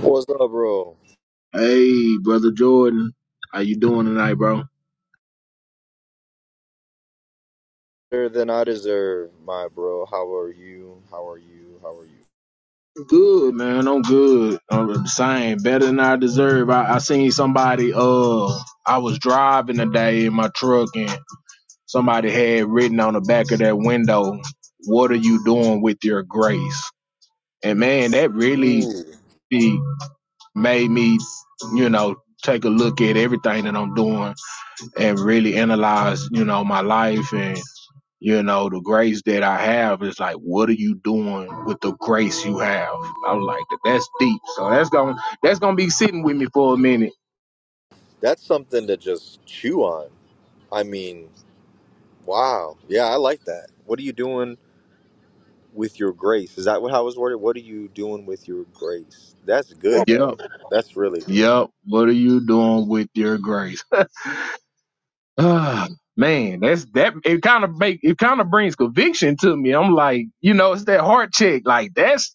What's up, bro? Hey, brother Jordan, how you doing tonight, bro? Better than I deserve, my bro. How are you? How are you? How are Good, man. I'm good. I'm the same, better than I deserve. I, I seen somebody. Uh, I was driving today in my truck, and somebody had written on the back of that window, "What are you doing with your grace?" And man, that you? really Ooh, eh, made me, you know, take a look at everything that I'm doing and really analyze, you know, my life and. You know, the grace that I have is like, what are you doing with the grace you have? I'm like, that's deep. So that's going to that's gonna be sitting with me for a minute. that's something to just chew on. I mean, wow. Yeah, I like that. What are you doing with your grace? Is that what I was worded? What are you doing with your grace? That's good, man. Yep. That's really good. Yep. What are you doing with your grace? Ah, man, that's that it kind of make it kind of brings conviction to me. I'm like, you know, it's that heart check. Like that's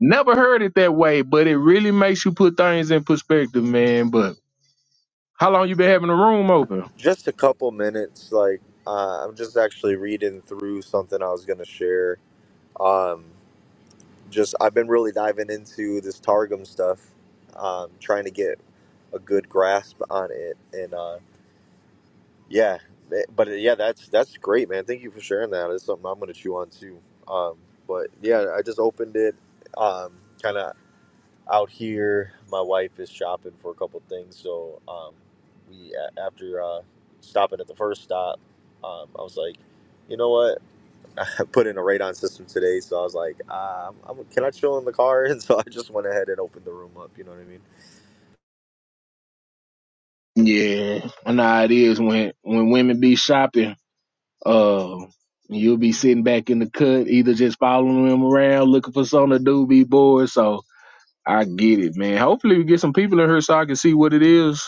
never heard it that way, but it really makes you put things in perspective, man. But how long you been having the room open? Just a couple minutes. Like, uh, I'm just actually reading through something I was gonna share. Um, just I've been really diving into this Targum stuff, um, trying to get a good grasp on it, and uh, yeah, eh, but yeah, that's that's great, man. Thank you for sharing that. It's something I'm gonna chew on too. Um, but yeah, I just opened it, um, kind of out here. My wife is shopping for a couple things, so um, we a- after uh, stopping at the first stop, um, I was like, you know what? put in a radon system today, so I was like, uh, I'm, can I chill in the car? And so I just went ahead and opened the room up. You know what I mean? Yeah, I know how it is when when women be shopping Uh, you'll be sitting back in the cut, either just following him around, looking for something to do, be bored. So I get it, man. Hopefully we get some people in here so I can see what it is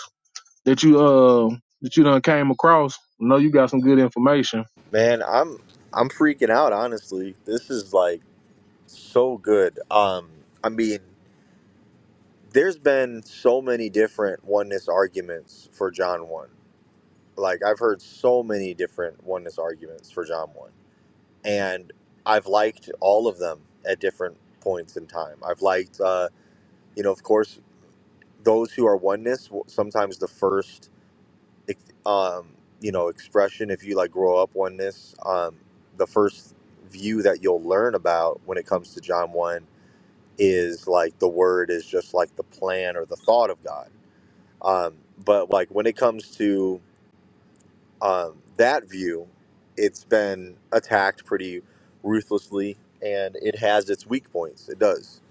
that you uh that you done came across. I know you got some good information. Man, I'm I'm freaking out. Honestly, this is like so good. Um, I mean, there's been so many different oneness arguments for John one. Like I've heard so many different oneness arguments for John one, and I've liked all of them at different points in time. I've liked, uh, you know, of course, those who are oneness. w- Sometimes the first ex- um, you know, expression if you like grow up on this. Um, the first view that you'll learn about when it comes to John one is like the word is just like the plan or the thought of God. Um, but like when it comes to um, that view, it's been attacked pretty ruthlessly, and it has its weak points. It does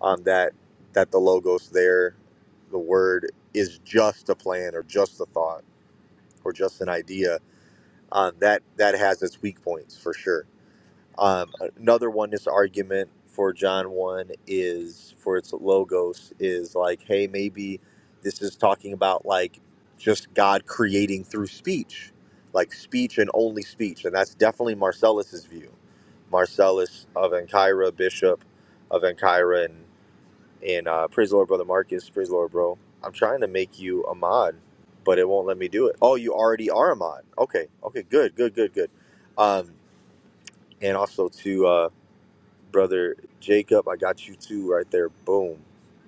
um, that that the logos there, the word is just a plan or just a thought or just an idea um, that that has its weak points for sure. Um, another one, this argument for John one is for its logos is like, hey, maybe this is talking about like just God creating through speech, like speech and only speech, and that's definitely Marcellus's view. Marcellus of Ancyra, bishop of Ancyra, and and uh, praise the Lord, brother Marcus. Praise the Lord, bro. I'm trying to make you a mod, but it won't let me do it. Oh, you already are a mod. Okay, okay, good, good, good, good. Um, and also to uh, brother Jacob, I got you too right there. Boom.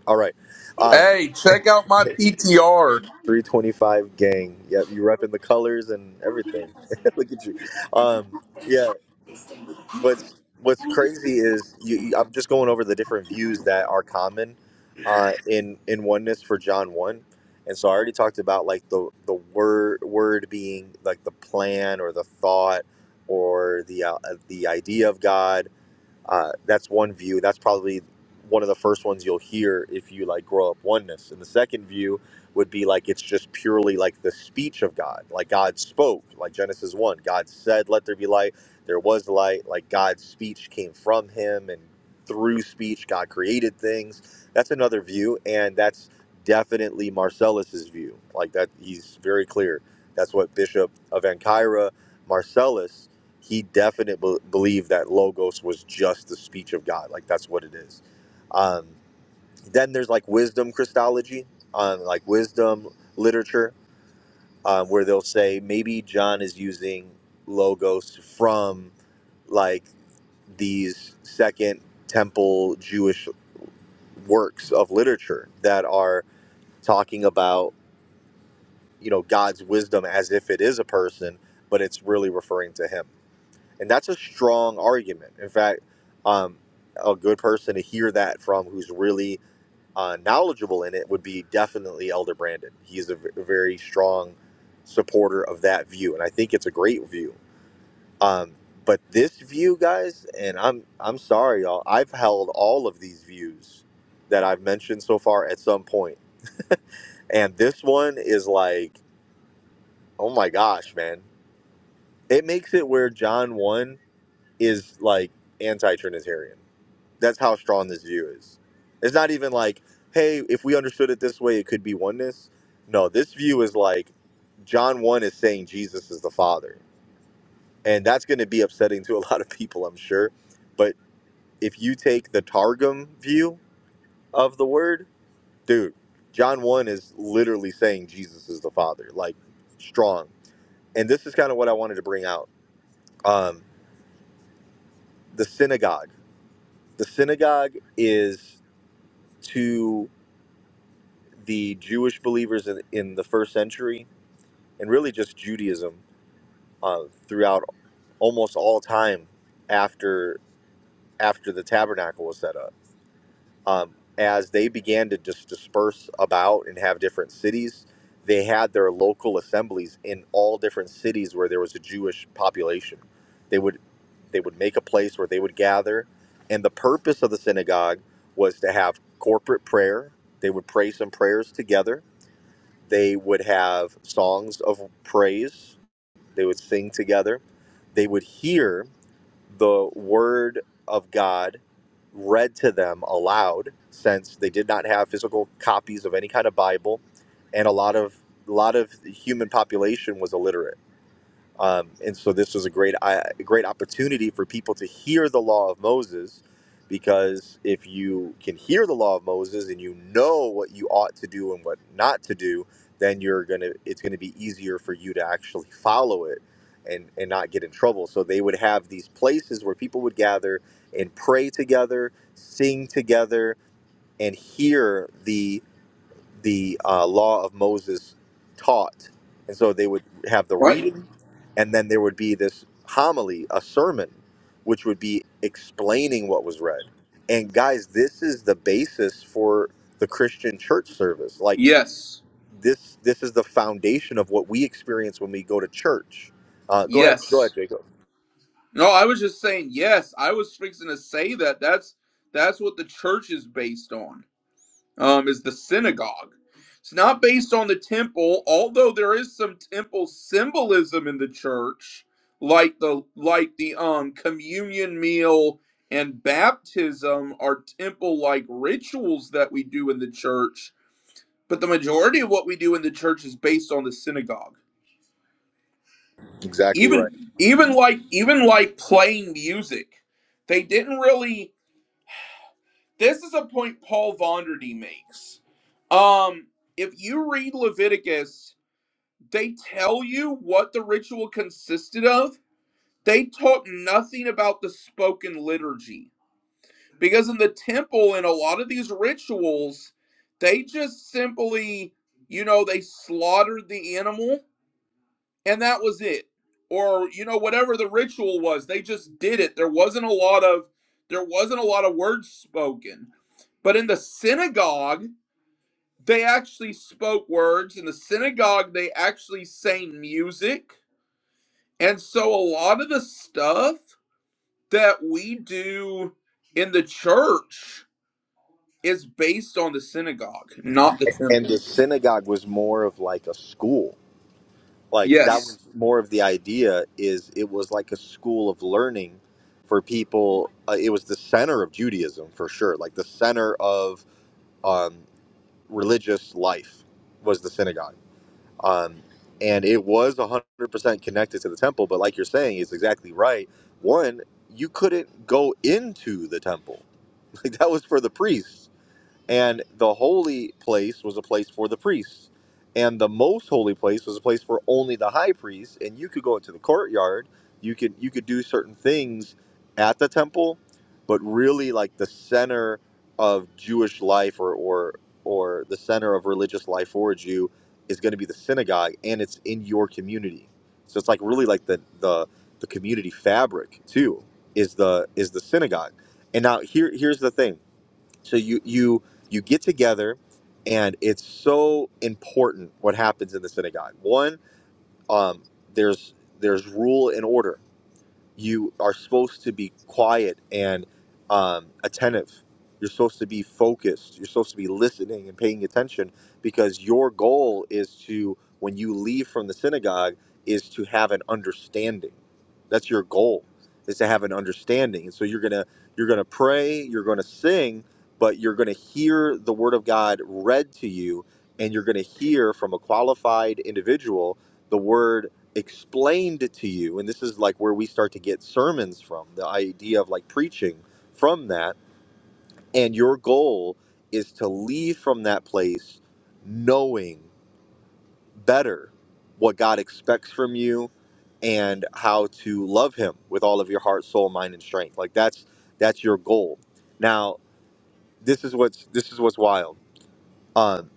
All right. Um, Hey, check out my PTR. 325 gang. Yep, you repping the colors and everything. Look at you. Um, yeah. what's what's crazy is you, you- I'm just going over the different views that are common uh, in in oneness for John one, and so I already talked about like the the word word being like the plan or the thought or the uh, the idea of God uh, that's one view. That's probably one of the first ones you'll hear if you like grow up oneness. And the second view would be like it's just purely like the speech of God. Like God spoke, like Genesis 1. God said, Let there be light. There was light. Like God's speech came from him and through speech God created things. That's another view and that's definitely Marcellus's view. Like that he's very clear. That's what Bishop of Ancyra Marcellus he definitely be- believed that logos was just the speech of God. Like that's what it is. Um, then there's like wisdom Christology, um, like wisdom literature, um, where they'll say maybe John is using logos from like these second temple Jewish works of literature that are talking about you know God's wisdom as if it is a person, but it's really referring to Him. And that's a strong argument. In fact, um, a good person to hear that from who's really uh, knowledgeable in it would be definitely Elder Brandon. He's a v- very strong supporter of that view, and I think it's a great view. Um, but this view, guys, and I'm I'm sorry, y'all. I've held all of these views that I've mentioned so far at some point, and this one is like, oh my gosh, man! It makes it where John one is like anti-Trinitarian That's how strong this view is. It's not even like, hey, if we understood it this way, it could be oneness. No, this view is like John 1 is saying Jesus is the Father. And that's going to be upsetting to a lot of people, I'm sure. But if you take the Targum view of the word, dude, John 1 is literally saying Jesus is the Father, like strong. And this is kind of what I wanted to bring out. Um, the synagogue. The synagogue is to. the Jewish believers in, in the first century, and really just Judaism uh, throughout almost all time after after the tabernacle was set up. Um, as they began to just disperse about and have different cities, they had their local assemblies in all different cities where there was a Jewish population. They would they would make a place where they would gather, and the purpose of the synagogue was to have corporate prayer. They would pray some prayers together They would have songs of praise. They would sing together. They would hear the word of God read to them aloud since they did not have physical copies of any kind of Bible and a lot of a lot of the human population was illiterate um, and so this was a great, I- a great opportunity for people to hear the law of Moses, because if you can hear the law of Moses and you know what you ought to do and what not to do, then you're gonna, it's gonna be easier for you to actually follow it and and not get in trouble. So they would have these places where people would gather and pray together, sing together, and hear the the uh, law of Moses taught. And so they would have the What? reading, and then there would be this homily, a sermon, which would be explaining what was read. And guys, this is the basis for the Christian church service. Like Yes. this, this is the foundation of what we experience when we go to church. Uh, go ahead, go Yes. ahead, Jacob. No, I was just saying yes. I was fixing to say that. That's that's what the church is based on. Um, is the synagogue. It's not based on the temple, although there is some temple symbolism in the church, like the like the um communion meal and baptism are temple like rituals that we do in the church. But the majority of what we do in the church is based on the synagogue. Exactly even right. even like even like playing music they didn't really this is a point paul vonderty makes um if you read leviticus they tell you what the ritual consisted of they talk nothing about the spoken liturgy because in the temple in a lot of these rituals they just simply you know they slaughtered the animal and that was it or you know whatever the ritual was they just did it there wasn't a lot of there wasn't a lot of words spoken but in the synagogue they actually spoke words in the synagogue they actually sang music and so a lot of the stuff that we do in the church is based on the synagogue not the And temple the synagogue was more of like a school like that yes was more of the idea is it was like a school of learning for people uh, it was the center of judaism for sure like the center of um, religious life was the synagogue um, and it was 100% connected to the temple but like you're saying it's exactly right one you couldn't go into the temple like that was for the priests and the holy place was a place for the priests. And the most holy place was a place for only the high priest. And you could go into the courtyard. You could you could do certain things at the temple, but really like the center of Jewish life or or or the center of religious life for a Jew is going to be the synagogue and it's in your community. So it's like really like the the the community fabric too is the is the synagogue. And now here here's the thing so you you you get together and it's so important what happens in the synagogue one um, there's there's rule and order you are supposed to be quiet and um, attentive. You're supposed to be focused. You're supposed to be listening and paying attention because your goal is to, when you leave from the synagogue, is to have an understanding. That's your goal, is to have an understanding. And so you're gonna you're gonna pray, you're gonna sing, but you're gonna hear the word of God read to you, and you're gonna hear from a qualified individual the word explained to you and this is like where we start to get sermons from the idea of like preaching from that and your goal is to leave from that place knowing better what God expects from you and how to love him with all of your heart soul mind and strength like that's that's your goal now this is what's this is what's wild um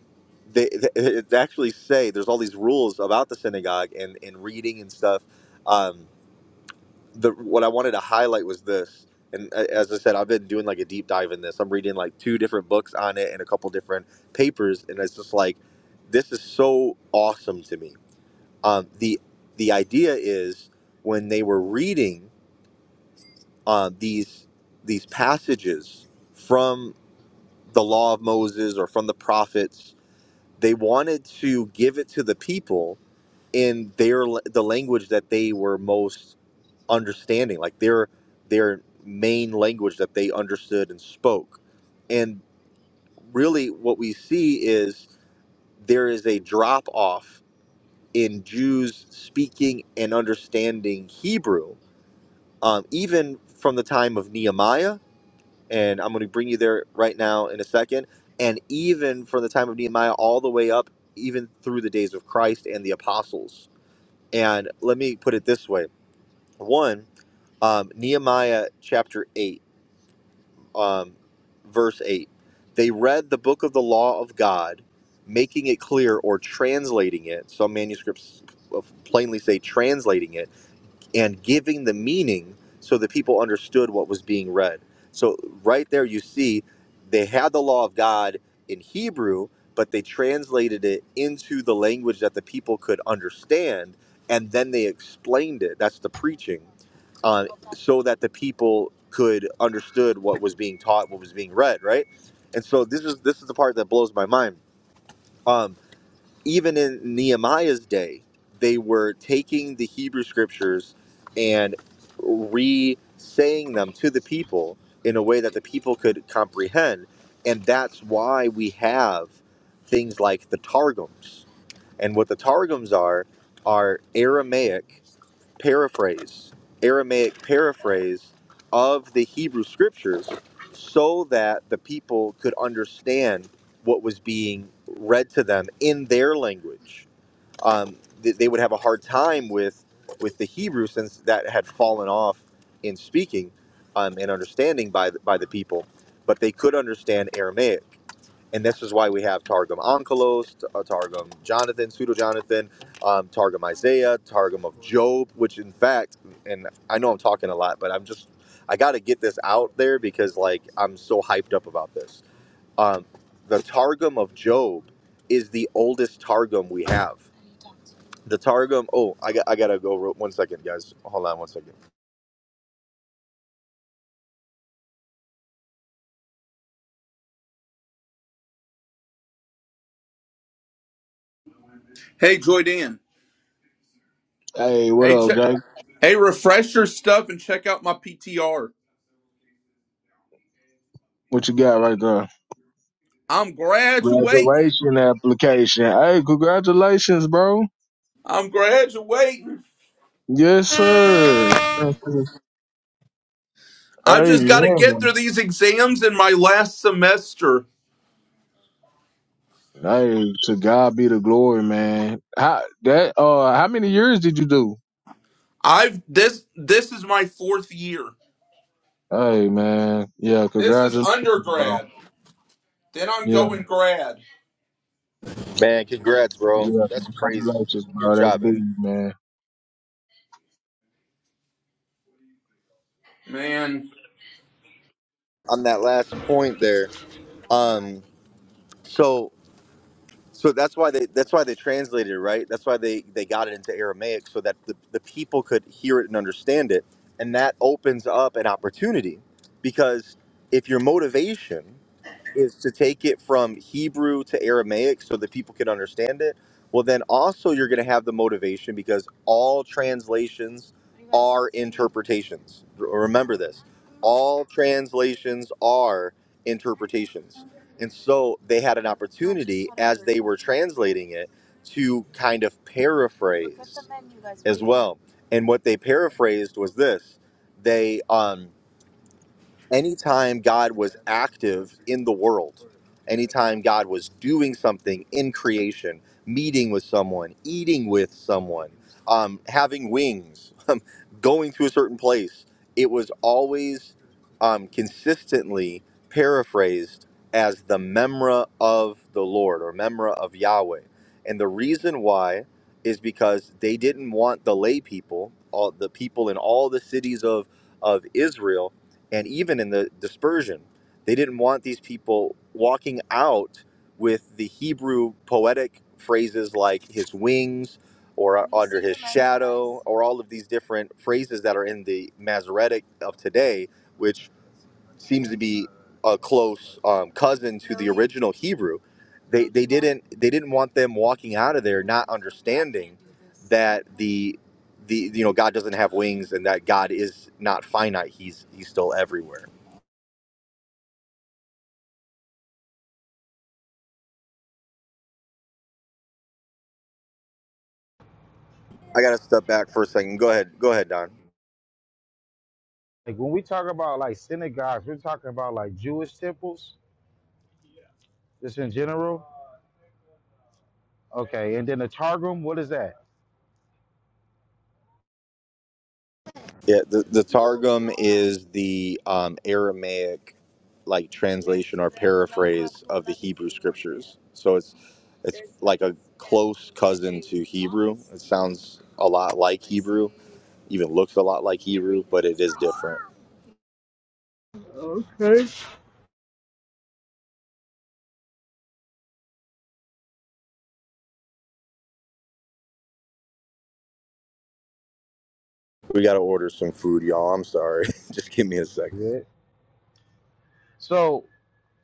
they, they they actually say there's all these rules about the synagogue and and reading and stuff Um, the what I wanted to highlight was this. And a- as I said, I've been doing like a deep dive in this. I'm reading like two different books on it and a couple different papers, and it's just like this is so awesome to me. Um, the the idea is when they were reading uh, these these passages from the Law of Moses or from the prophets, they wanted to give it to the people in their la- the language that they were most understanding, like their their main language that they understood and spoke. And really, what we see is there is a drop off in Jews speaking and understanding Hebrew, um, even from the time of Nehemiah. And I'm going to bring you there right now in a second. And even from the time of Nehemiah all the way up, even through the days of Christ and the apostles. And let me put it this way one, um, Nehemiah chapter 8 um, verse 8. They read the book of the law of God, making it clear or translating it. Some manuscripts plainly say translating it and giving the meaning so that people understood what was being read. So, right there, you see they had the law of God in Hebrew, but they translated it into the language that the people could understand and then they explained it. That's the preaching uh, so that the people could understood what was being taught, what was being read, right? And so this is this is the part that blows my mind. Um, even in Nehemiah's day, they were taking the Hebrew scriptures and re-saying them to the people in a way that the people could comprehend, and that's why we have things like the targums. And what the targums are are Aramaic paraphrase, Aramaic paraphrase of the Hebrew scriptures so that the people could understand what was being read to them in their language. Um, th- they would have a hard time with, with the Hebrew since that had fallen off in speaking um, and understanding by the, by the people, but they could understand Aramaic and this is why we have Targum Onkelos, uh, Targum Jonathan, Pseudo Jonathan, um, Targum Isaiah, Targum of Job, which in fact, and I know I'm talking a lot, but I'm just, I got to get this out there because like I'm so hyped up about this. Um, the Targum of Job is the oldest Targum we have. The Targum, oh, I got, I gotta go real, one second, guys. Hold on one second. hey joy dan Hey, what hey up, check Jake? hey refresh your stuff and check out my ptr What you got right there? I'm graduating. Graduation application. Hey, congratulations, bro. I'm graduating. Yes, sir. I've just got to get Amen. through these exams in my last semester. Hey, to God be the glory, man. How that uh how many years did you do? I've this this is my fourth year. Hey man, yeah, This is congratulations, bro. undergrad. Then I'm Yeah, going grad. Man, congrats, bro. yeah, That's crazy. congratulations, Good bro. That's job, man. big, man. Man, On that last point there, um, so So that's why they that's why they translated it, right? That's why they they got it into Aramaic so that the, the people could hear it and understand it. And that opens up an opportunity because if your motivation is to take it from Hebrew to Aramaic so that people can understand it, well then also you're going to have the motivation because all translations are interpretations. R- Remember this. all translations are interpretations. And so they had an opportunity as they were translating it to kind of paraphrase as well. And what they paraphrased was this. They um anytime God was active in the world, anytime God was doing something in creation, meeting with someone, eating with someone, um, having wings, going to a certain place, it was always um, consistently paraphrased as the memra of the Lord or memra of Yahweh. And the reason why is because they didn't want the lay people, all the people in all the cities of of Israel and even in the dispersion, they didn't want these people walking out with the Hebrew poetic phrases like his wings or under his shadow or all of these different phrases that are in the Masoretic of today, which seems to be a close um, cousin to the original Hebrew. They, they didn't they didn't want them walking out of there not understanding that the the you know God doesn't have wings and that God is not finite he's he's still everywhere I gotta step back for a second. Go ahead. Go ahead, Don. Like when we talk about like synagogues, we're talking about like Jewish temples, just in general. Okay, and then the Targum, what is that? Yeah, the, the Targum is the um, Aramaic like translation or paraphrase of the Hebrew scriptures. So it's it's like a close cousin to Hebrew. It sounds a lot like Hebrew, even looks a lot like Hebrew, but it is different. Okay. We gotta order some food, y'all. I'm sorry. Just give me a second. Yeah. So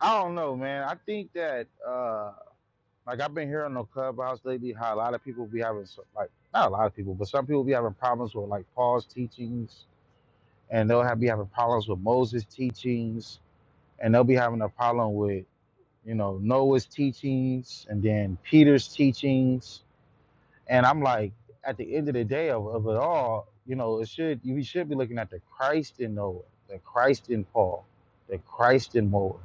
I don't know, man. I think that uh like I've been hearing on the clubhouse lately how a lot of people be having so- like not a lot of people, but some people be having problems with like Paul's teachings, and they'll have be having problems with Moses' teachings, and they'll be having a problem with you know Noah's teachings, and then Peter's teachings. And I'm like, at the end of the day of, of it all, you know, it should we should be looking at the Christ in Noah, the Christ in Paul, the Christ in Moa,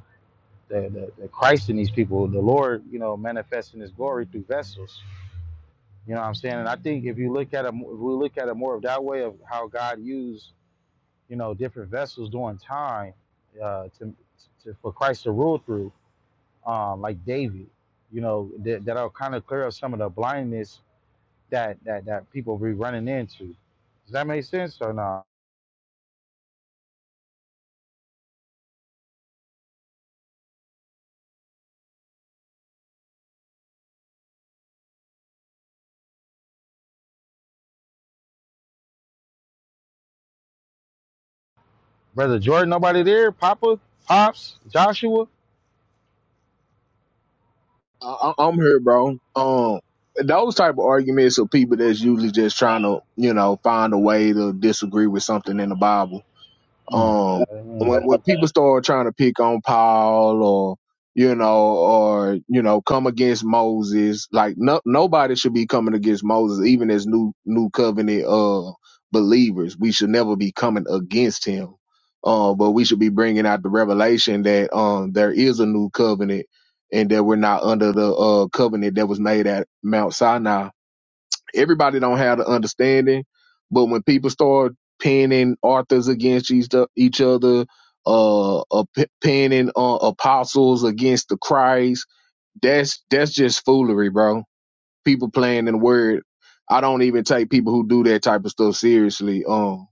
the, the, the Christ in these people, the Lord, you know, manifesting his glory through vessels. You know what I'm saying? And I think if you look at it, if we look at it more of that way of how God used, you know, different vessels during time uh, to, to for Christ to rule through, um, like David, you know, that, that'll kind of clear up some of the blindness that that that people be running into. Does that make sense or not? Brother Jordan, nobody there? Papa, Pops, Joshua? I- I- I'm here, bro. Um, those type of arguments are people that's usually just trying to, you know, find a way to disagree with something in the Bible. Mm. Um, Amen. when when people start trying to pick on Paul or you know or you know come against Moses, like no nobody should be coming against Moses, even as new new covenant uh believers. We should never be coming against him. Uh, but we should be bringing out the revelation that um there is a new covenant and that we're not under the uh covenant that was made at Mount Sinai Everybody don't have the understanding, but when people start pinning authors against each, each other, uh, uh p- pinning uh, apostles against the Christ, that's that's just foolery, bro. People playing in the word. I don't even take people who do that type of stuff seriously. Um,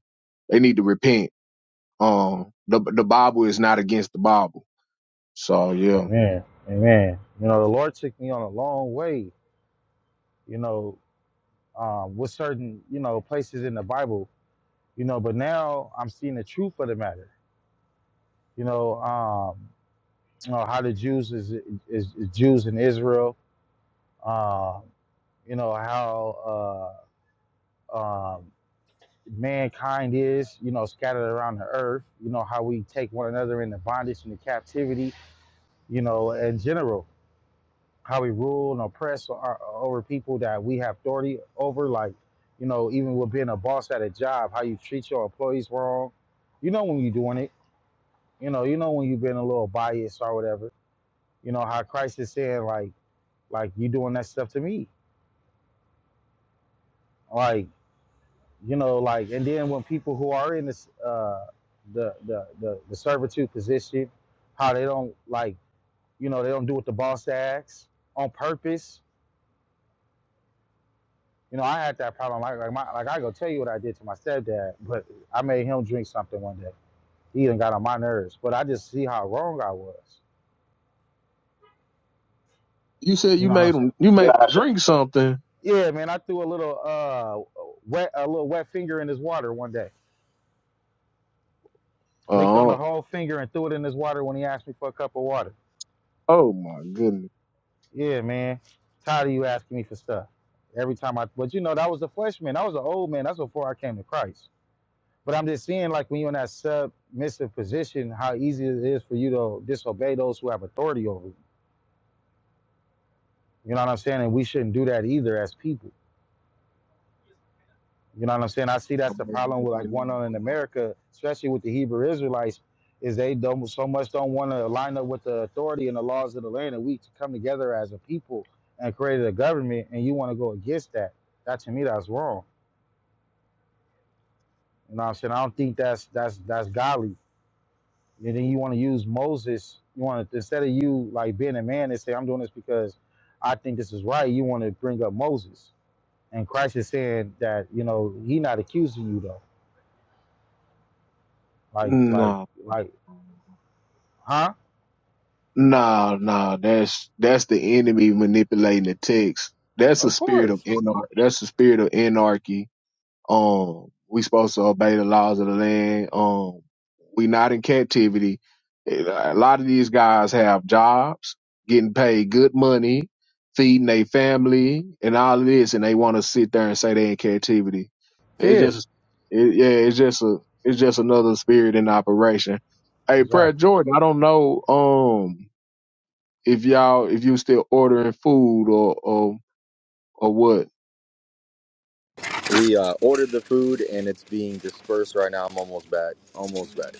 they need to repent. Um, the the Bible is not against the Bible. So yeah, Amen. Amen. You know, the Lord took me on a long way, you know, um, with certain, you know, places in the Bible, you know, but now I'm seeing the truth of the matter. You know, um, you know how the Jews is, is, is Jews in Israel, uh, you know, how uh, um, mankind is, you know, scattered around the earth, you know, how we take one another into bondage and the captivity, you know, in general, how we rule and oppress our, over people that we have authority over, like, you know, even with being a boss at a job, how you treat your employees wrong. You know when you're doing it, you know, you know when you've been a little biased or whatever. You know how Christ is saying, like, like you doing that stuff to me, like you know like and then when people who are in this uh the the the, the servitude position how they don't like you know they don't do what the boss asks on purpose you know i had that problem like like, my, like i go tell you what i did to my stepdad but i made him drink something one day he even got on my nerves but i just see how wrong i was you said you you know what i'm made saying them you made 'em Nah, drink something. yeah man i threw a little uh wet a little wet finger in his water one day licked on the Uh, whole finger and threw it in his water when he asked me for a cup of water oh my goodness. Yeah, man. Tired of you asking me for stuff. Every time I, but you know, that was a flesh man. That was an old man. That's before I came to Christ. But I'm just seeing, like, when you're in that submissive position, how easy it is for you to disobey those who have authority over you. You know what I'm saying? And we shouldn't do that either as people. You know what I'm saying? I see that's the problem with like going on in America, especially with the Hebrew Israelites, is they don't so much don't want to line up with the authority and the laws of the land, and we to come together as a people and create a government, and you want to go against that. That to me, that's wrong. You know what I'm saying? I don't think that's that's that's godly. And then you want to use Moses. You want to instead of you like being a man and say, "I'm doing this because I think this is right." You want to bring up Moses, and Christ is saying that you know he not accusing you though. Like like No, like Huh? no, no. That's that's the enemy manipulating the text. That's a Of spirit of course. anar- That's the spirit of anarchy. Um, we supposed to obey the laws of the land. Um, we not in captivity. A lot of these guys have jobs, getting paid good money, feeding their family, and all of this, and they want to sit there and say they in captivity. It's Yeah, just, it, yeah, it's just a, it's just another spirit in operation. Hey, prayer exactly. Jordan, I don't know, um, if y'all, if you still ordering food or, or, or what. We uh, ordered the food and it's being dispersed right now. I'm almost back. Almost back.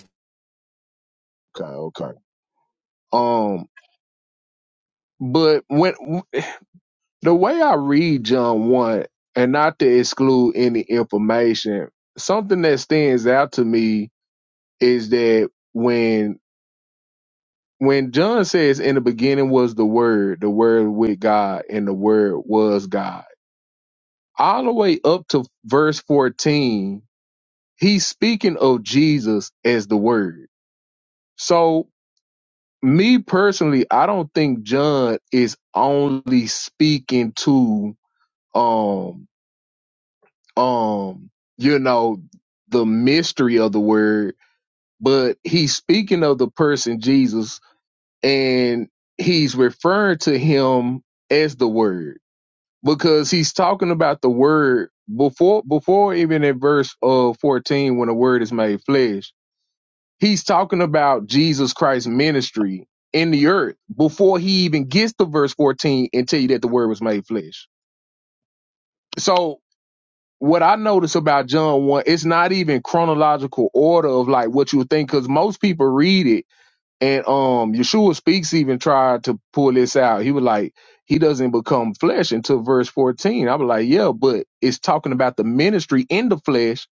Okay, okay. Um, but when the way I read John 1, and not to exclude any information, something that stands out to me is that when when John says in the beginning was the word, the word with God, and the word was God, all the way up to verse 14, he's speaking of Jesus as the word. So me personally, I don't think John is only speaking to um um you know the mystery of the word but he's speaking of the person jesus and he's referring to him as the word because he's talking about the word before before even in verse uh 14 when the word is made flesh he's talking about jesus christ's ministry in the earth before he even gets to verse 14 and tell you that the word was made flesh So. what I notice about John one, it's not even chronological order of like what you would think, because most people read it, and um, Yeshua speaks even tried to pull this out. He was like, he doesn't become flesh until verse fourteen. I was like, yeah, but it's talking about the ministry in the flesh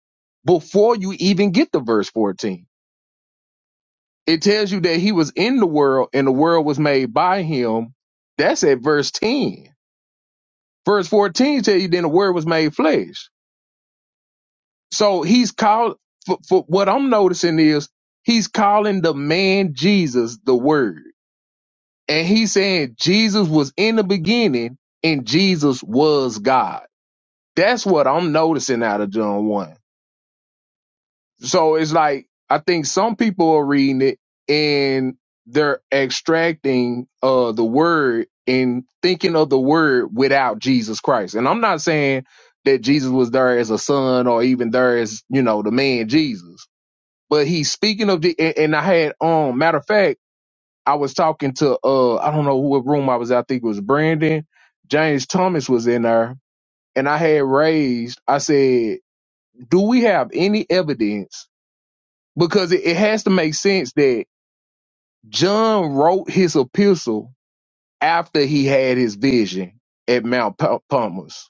before you even get to verse fourteen. It tells you that he was in the world and the world was made by him. That's at verse ten. Verse fourteen tell you then the word was made flesh. So he's called for, for what I'm noticing is he's calling the man Jesus the word. And he's saying Jesus was in the beginning and Jesus was God. That's what I'm noticing out of John 1. So it's like I think some people are reading it and they're extracting uh the word and thinking of the word without Jesus Christ. And I'm not saying that Jesus was there as a son or even there as, you know, the man Jesus But he's speaking of the, and, and I had, um, matter of fact, I was talking to, uh, I don't know what room I was. at. I think it was Brandon. James Thomas was in there, and I had raised. I said, "Do we have any evidence?" Because it, it has to make sense that John wrote his epistle after he had his vision at Mount Pa- Palmas.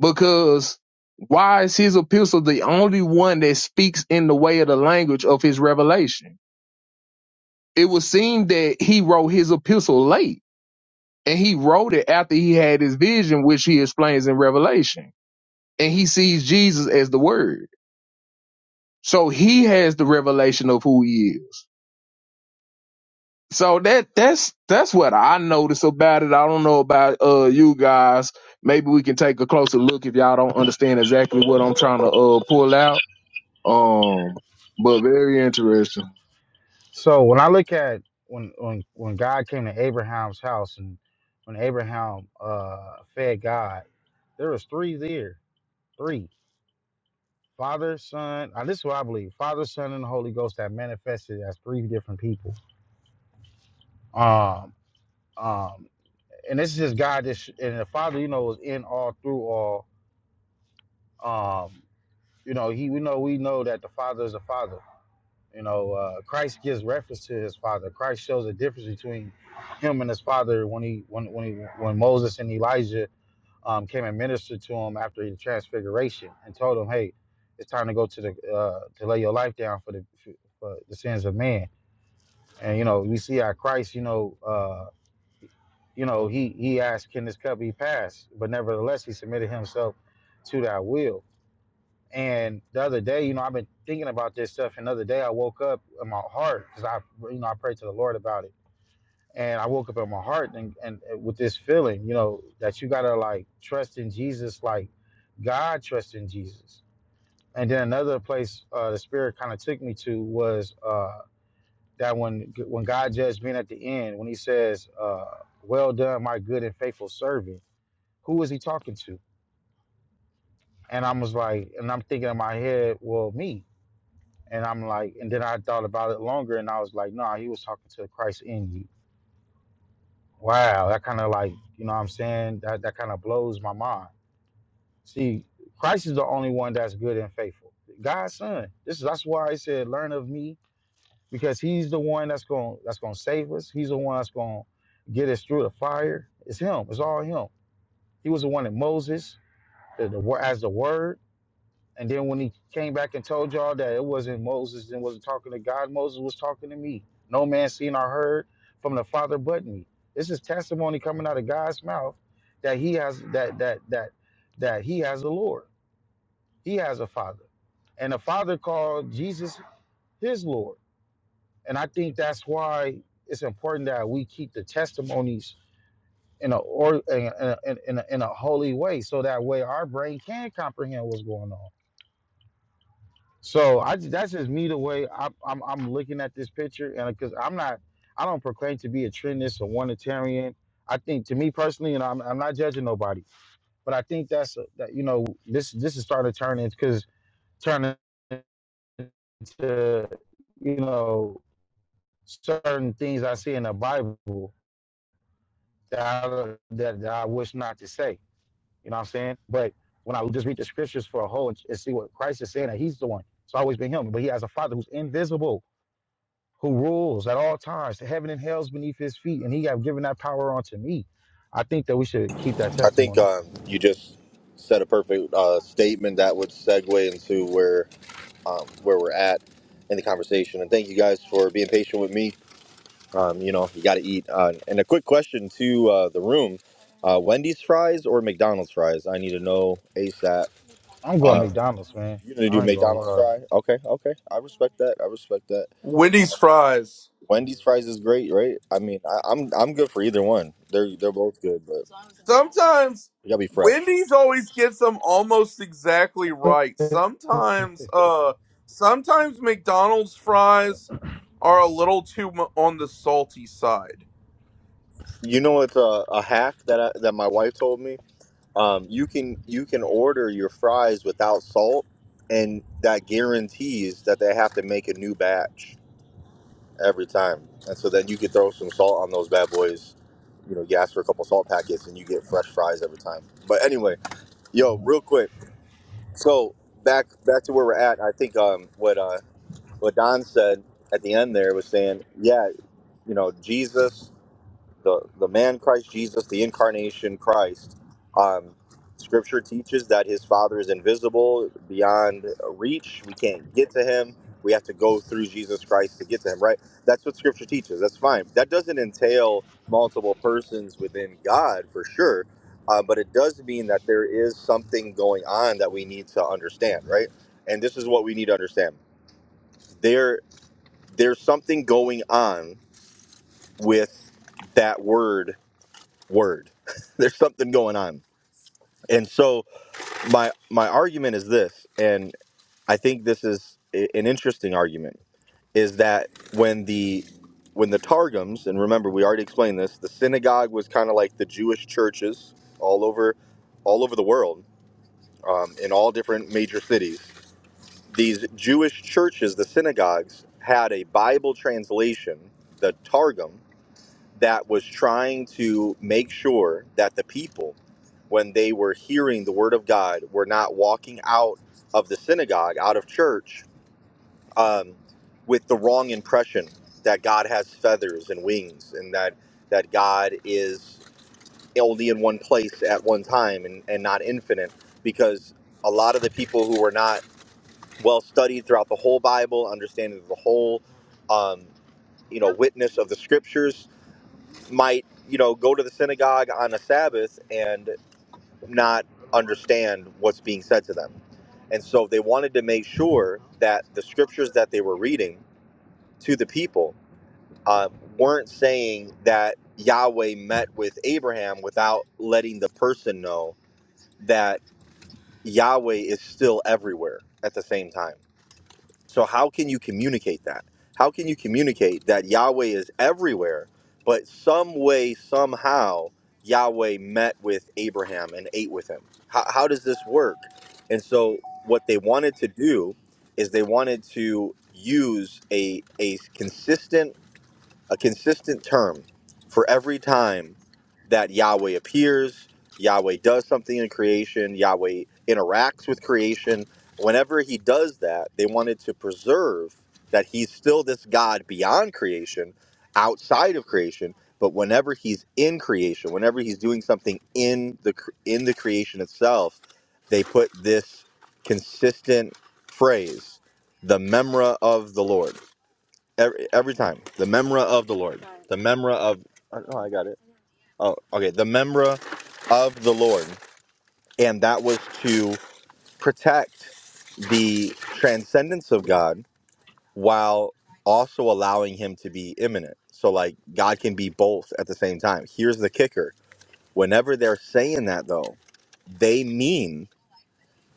Because why is his epistle the only one that speaks in the way of the language of his revelation? it would seem that he wrote his epistle late and he wrote it after he had his vision, which he explains in Revelation. And he sees Jesus as the word. So he has the revelation of who he is. So that that's that's what I notice about it. I don't know about uh you guys. Maybe we can take a closer look if y'all don't understand exactly what I'm trying to uh pull out. Um but very interesting. So when I look at when when when God came to Abraham's house and when Abraham uh fed God, there was three there. Three. Father, Son, uh, this is what I believe. Father, Son, and the Holy Ghost that manifested as three different people. Um, um, and this is God this and the Father, you know, is in all through all. Um, you know, he we know we know that the Father is the Father. You know, uh, Christ gives reference to his father. Christ shows the difference between him and his father when he when when he, when Moses and Elijah um, came and ministered to him after the transfiguration and told him, "Hey, it's time to go to the uh, to lay your life down for the for the sins of man." And you know, we see how Christ, you know, uh, you know, he he asked, "Can this cup be passed?" But nevertheless, he submitted himself to that will. And the other day, you know, I've been thinking about this stuff. And the other day, I woke up in my heart because I, you know, I prayed to the Lord about it. And I woke up in my heart and, and with this feeling, you know, that you gotta like trust in Jesus, like God trusts in Jesus. And then another place uh, the Spirit kind of took me to was uh, that when when God judged me at the end, when He says, uh, "Well done, my good and faithful servant," who was He talking to? And I was like, and I'm thinking in my head, well, me And I'm like, and then I thought about it longer and I was like, nah, he was talking to Christ in you. Wow, that kind of like, you know what I'm saying? That that kind of blows my mind. See, Christ is the only one that's good and faithful. God's son. This is that's why I said, learn of me, because he's the one that's going that's gonna save us. He's the one that's gonna get us through the fire. It's him, it's all him. He was the one in Moses, the, the, wo- as the word. And then when he came back and told y'all that it wasn't Moses and wasn't talking to God, Moses was talking to me. No man seen or heard from the Father but me. This is testimony coming out of God's mouth that he has that that that that he has a Lord. He has a father. And the father called Jesus his Lord. And I think that's why it's important that we keep the testimonies in a or in a, in a, in a in a holy way so that way our brain can comprehend what's going on So I ju- that's just me the way I, I'm I'm looking at this picture, and because I'm not, I don't proclaim to be a trendist or wanitarian. I think to me personally, and I'm I'm not judging nobody, but I think that's uh, that you know this this is starting to turn into because turning into you know certain things I see in the Bible that I, that, that I wish not to say. You know what I'm saying? But when I just read the scriptures for a whole and, and see what Christ is saying, that He's the one. It's always been Him, but He has a Father who's invisible. who rules at all times, the heaven and hell's beneath his feet, and he have given that power unto me. I think that we should keep that I think testimony. um, you just said a perfect uh, statement that would segue into where um, where we're at in the conversation. And thank you guys for being patient with me. Um, you know, you got to eat. Uh, and a quick question to uh, the room: uh, Wendy's fries or McDonald's fries? I need to know ASAP. I'm going Uh, McDonald's, man. you're gonna do I ain't gonna McDonald's lie. fry? Okay, okay. I respect that. I respect that. Wendy's fries. Wendy's fries is great, right? I mean, I, I'm I'm good for either one. They're they're both good, but Sometimes you gotta be fresh. Wendy's always gets them almost exactly right. Sometimes uh sometimes McDonald's fries are a little too mu- on the salty side. You know, it's a, a hack that I, that my wife told me. Um, you can you can order your fries without salt, and that guarantees that they have to make a new batch every time. And so then you could throw some salt on those bad boys. You know, you ask for a couple salt packets, and you get fresh fries every time. But anyway, yo, Mhm. real quick. So back back to where we're at. I think um, what uh, what Don said at the end there was saying, yeah, you know, Jesus. the the man Christ Jesus, the incarnation Christ. Um, scripture teaches that his Father is invisible, beyond reach. We can't get to him. We have to go through Jesus Christ to get to him. Right? That's what Scripture teaches. That's fine. That doesn't entail multiple persons within God for sure, uh, but it does mean that there is something going on that we need to understand. Right? And this is what we need to understand. There, there's something going on with that word word. There's something going on. And so my my argument is this, and I think this is a- an interesting argument, is that when the when the Targums, and remember we already explained this, the synagogue was kind of like the Jewish churches all over all over the world, um, in all different major cities. These Jewish churches, the synagogues, had a Bible translation, the Targum, that was trying to make sure that the people, when they were hearing the word of God, were not walking out of the synagogue, out of church, um, with the wrong impression that God has feathers and wings and that, that God is only in one place at one time and, and not infinite. Because a lot of the people who were not well studied throughout the whole Bible, understanding of the whole, um, you know, witness of the scriptures, might you know go to the synagogue on a sabbath and not understand what's being said to them and so they wanted to make sure that the scriptures that they were reading to the people uh, weren't saying that yahweh met with abraham without letting the person know that yahweh is still everywhere at the same time so how can you communicate that? How can you communicate that Yahweh is everywhere, but some way, somehow, Yahweh met with Abraham and ate with him? How, how does this work? And so what they wanted to do is they wanted to use a, a consistent a consistent term for every time that Yahweh appears, Yahweh does something in creation, Yahweh interacts with creation. Whenever he does that, they wanted to preserve that he's still this God beyond creation, outside of creation, but whenever he's in creation, whenever he's doing something in the cr- in the creation itself, they put this consistent phrase, the memra of the Lord every, every time the memra of the lord the memra of oh no, i got it oh okay the memra of the lord and that was to protect the transcendence of god while also allowing him to be immanent. so like god can be both at the same time here's the kicker whenever they're saying that though they mean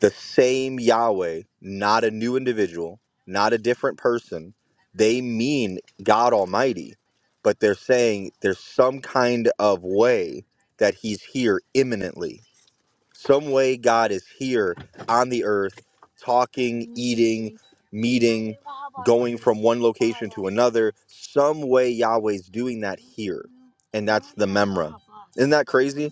the same Yahweh, not a new individual, not a different person. They mean God Almighty, but they're saying there's some kind of way that He's here imminently some way God is here on the earth, talking, eating, meeting, going from one location to another. Some way Yahweh's doing that here. And that's the Memra. Isn't that crazy?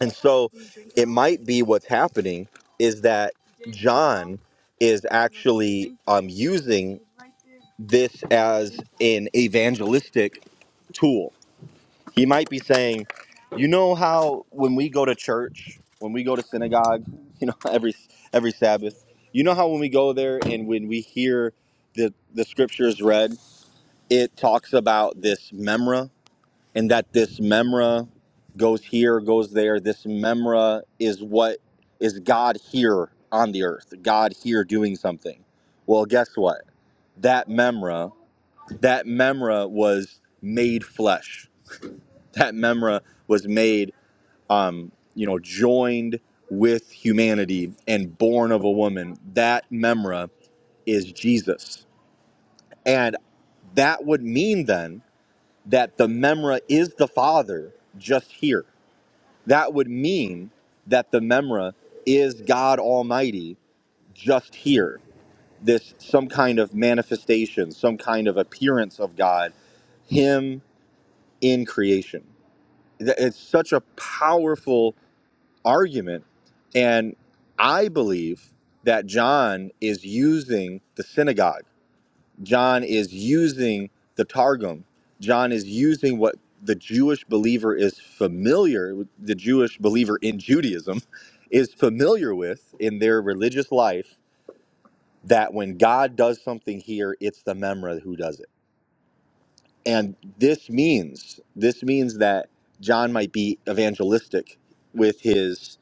And so it might be what's happening is that John is actually um, using this as an evangelistic tool. He might be saying, you know how when we go to church, when we go to synagogue, you know, every every Sabbath, you know how when we go there and when we hear the the scriptures read, it talks about this memra and that this memra goes here, goes there. This memra is what is God here on the earth, God here doing something. Well, guess what? That memra, that memra was made flesh. That memra was made um, you know, joined with humanity and born of a woman, that memra is Jesus. And that would mean then that the memra is the Father just here. That would mean that the memra is God Almighty just here. This some kind of manifestation, some kind of appearance of God, Him in creation. Th- It's such a powerful argument. And I believe that John is using the synagogue, John is using the Targum, John is using what the Jewish believer is familiar with, the Jewish believer in Judaism is familiar with in their religious life that when God does something here, it's the Memra who does it. And this means this means that John might be evangelistic with his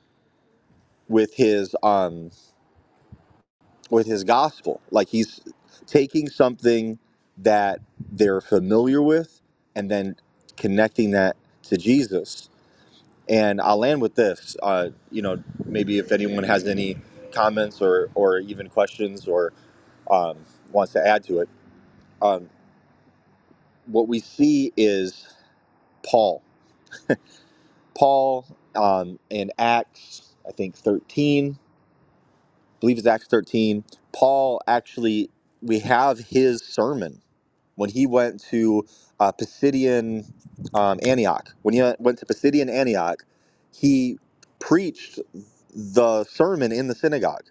with his um. with his gospel. Like he's taking something that they're familiar with and then connecting that to Jesus. And I'll land with this. Uh, you know, maybe if anyone has any comments or, or even questions or um, wants to add to it, um, what we see is Paul. Paul um, in Acts, I think 13, I believe it's Acts 13. Paul actually, we have his sermon when he went to uh, Pisidian um, Antioch, when he uh, went to Pisidian Antioch, he preached the sermon in the synagogue.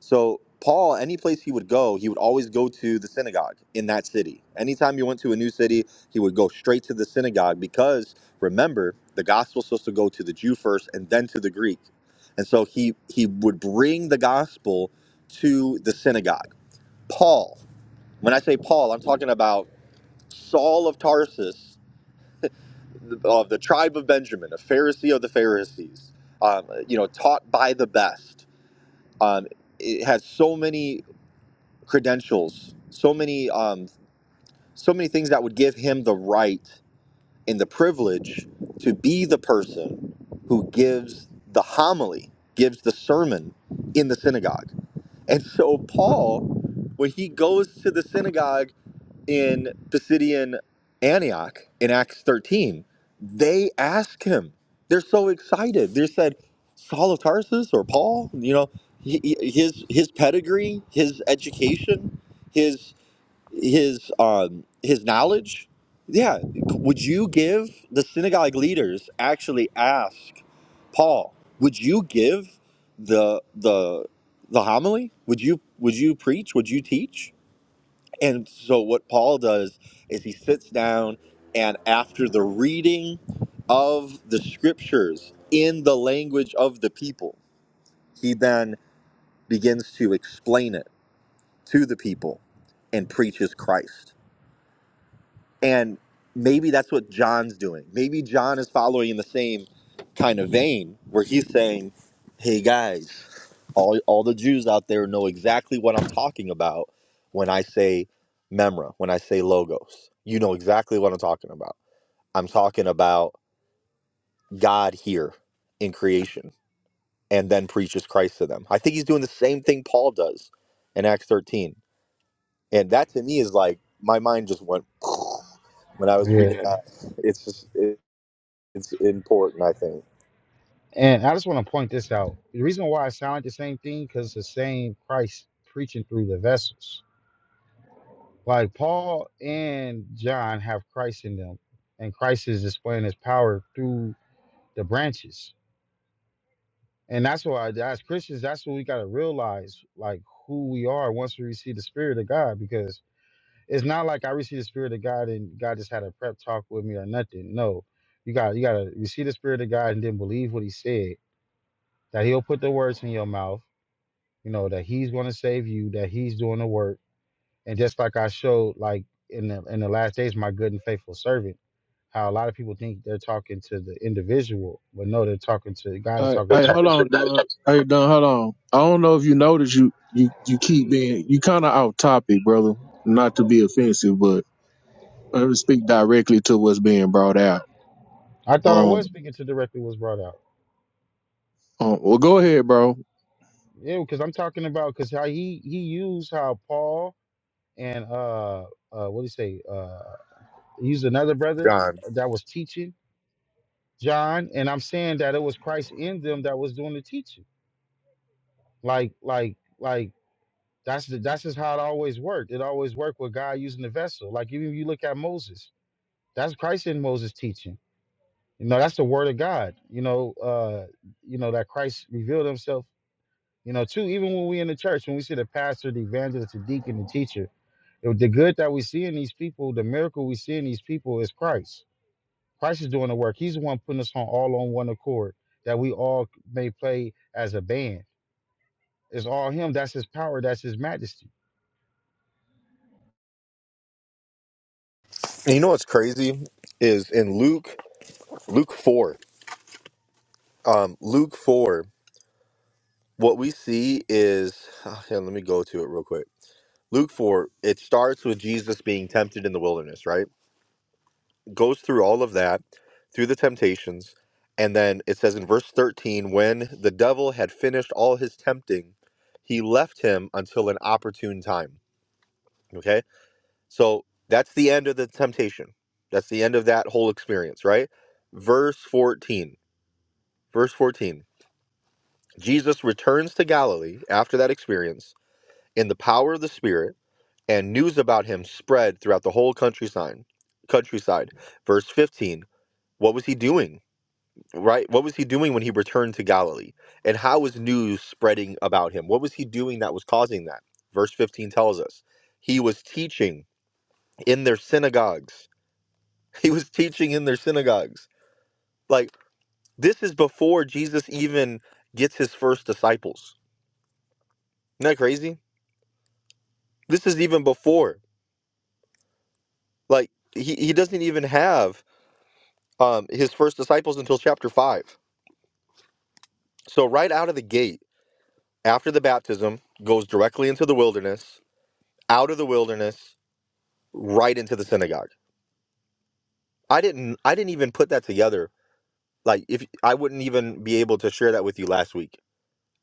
So Paul, any place he would go, he would always go to the synagogue in that city. Anytime he went to a new city, he would go straight to the synagogue because remember, the gospel's supposed to go to the Jew first and then to the Greek. And so he he would bring the gospel to the synagogue. Paul, when I say Paul, I'm talking about Saul of Tarsus, of the tribe of Benjamin, a Pharisee of the Pharisees, um, you know, taught by the best. Um, it has so many credentials, so many, um, so many things that would give him the right and the privilege to be the person who gives the homily, gives the sermon in the synagogue. And so Paul, when he goes to the synagogue in Pisidian Antioch in Acts 13. They ask him. They're so excited. They said, Saul of Tarsus or Paul, you know, his his pedigree, his education, his his um his knowledge. Yeah, would you give the synagogue leaders actually ask Paul, would you give the the the homily? Would you would you preach? Would you teach? And so what Paul does is he sits down and after the reading of the scriptures in the language of the people, he then begins to explain it to the people and preaches Christ. And maybe that's what John's doing. Maybe John is following in the same kind of vein where he's saying, "Hey guys, all all the Jews out there know exactly what I'm talking about when I say memra, when I say logos. You know exactly what I'm talking about. I'm talking about God here in creation and then preaches Christ to them. I think he's doing the same thing Paul does in Acts 13. And that to me is like my mind just went when I was reading Yeah. that. It's just it, it's important, I think. And I just want to point this out. The reason why it sounded the same thing, because it's the same Christ preaching through the vessels. Like Paul and John have Christ in them, and Christ is displaying his power through the branches. And that's why, as Christians, that's what we got to realize, like who we are once we receive the Spirit of God. Because it's not like I received the Spirit of God and God just had a prep talk with me or nothing. No, you got you got to receive the Spirit of God and then believe what He said. That He'll put the words in your mouth. You know that He's going to save you. That He's doing the work. And just like I showed, like in the in the last days, my good and faithful servant. How a lot of people think they're talking to the individual, but no, they're talking to God is Hey, talking to hey, the hold cr- on, Don. Hey, Don, hold on. I don't know if you noticed you you you keep being you kind of off topic, brother. Not to be offensive, but I would speak directly to what's being brought out. I thought I was Um, speaking to directly was brought out. um well, go ahead, bro. Yeah, because I'm talking about because how he he used how Paul and uh uh what do you say uh he used another brother John. that was teaching John, and I'm saying that it was Christ in them that was doing the teaching. Like like like that's the, that's just how it always worked. It always worked with God using the vessel. Like even if you look at Moses, that's Christ in Moses teaching. You know that's the word of God. You know uh you know that Christ revealed Himself You know, too, even when we in the church, when we see the pastor, the evangelist, the deacon, the teacher, if the good that we see in these people, the miracle we see in these people is Christ. Christ is doing the work. He's the one putting us on all on one accord that we all may play as a band. It's all him. That's his power. That's his majesty. And you know what's crazy is in Luke Luke 4. Um Luke 4 what we see is oh, yeah, let me go to it real quick. Luke 4, it starts with Jesus being tempted in the wilderness, right? Goes through all of that, through the temptations, and then it says in verse 13, when the devil had finished all his tempting, he left him until an opportune time. Okay? So that's the end of the temptation. That's the end of that whole experience, right? Verse 14. Verse 14. Jesus returns to Galilee after that experience in the power of the Spirit and news about him spread throughout the whole countryside. Countryside. Verse 15. What was he doing? Right? What was he doing when he returned to Galilee? And how was news spreading about him? What was he doing that was causing that? Verse 15 tells us. He was teaching in their synagogues. He was teaching in their synagogues. Like this is before Jesus even gets his first disciples. Isn't that crazy? This is even before. Like he, he doesn't even have um, his first disciples until chapter 5. So, right out of the gate, after the baptism, goes directly into the wilderness, out of the wilderness, right into the synagogue. I didn't I didn't even put that together. Like if I wouldn't even be able to share that with you last week.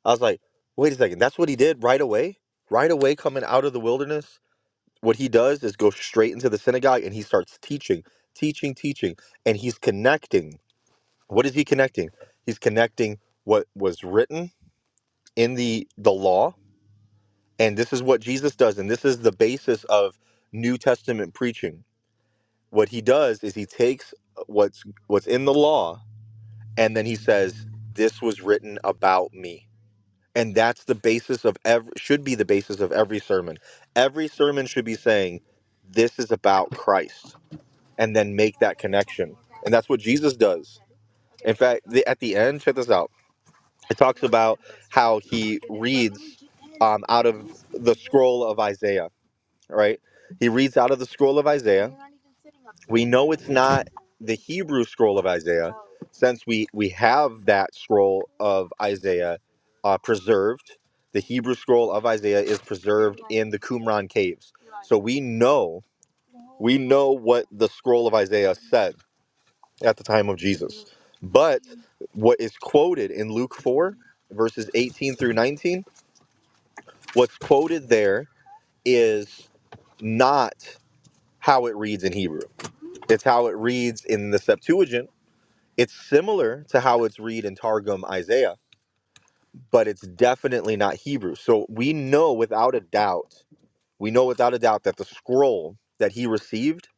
I was like, wait a second, that's what he did right away? Right away coming out of the wilderness, what he does is go straight into the synagogue and he starts teaching, teaching, teaching, and he's connecting. What is he connecting? He's connecting what was written in the the law and this is what jesus does and this is the basis of new testament preaching what he does is he takes uh, what's what's in the law and then he says this was written about me and that's the basis of every should be the basis of every sermon every sermon should be saying this is about christ and then make that connection and that's what jesus does in fact the, at the end check this out It talks about how he reads um, out of the scroll of Isaiah, right? He reads out of the scroll of Isaiah. We know it's not the Hebrew scroll of Isaiah, since we, we have that scroll of Isaiah uh, preserved. The Hebrew scroll of Isaiah is preserved in the Qumran caves. So we know we know what the scroll of Isaiah said at the time of Jesus. But what is quoted in Luke 4, verses 18 through 19, what's quoted there is not how it reads in Hebrew. It's how it reads in the Septuagint. It's similar to how it's read in Targum Isaiah, but it's definitely not Hebrew. So we know without a doubt, we know without a doubt that the scroll that he received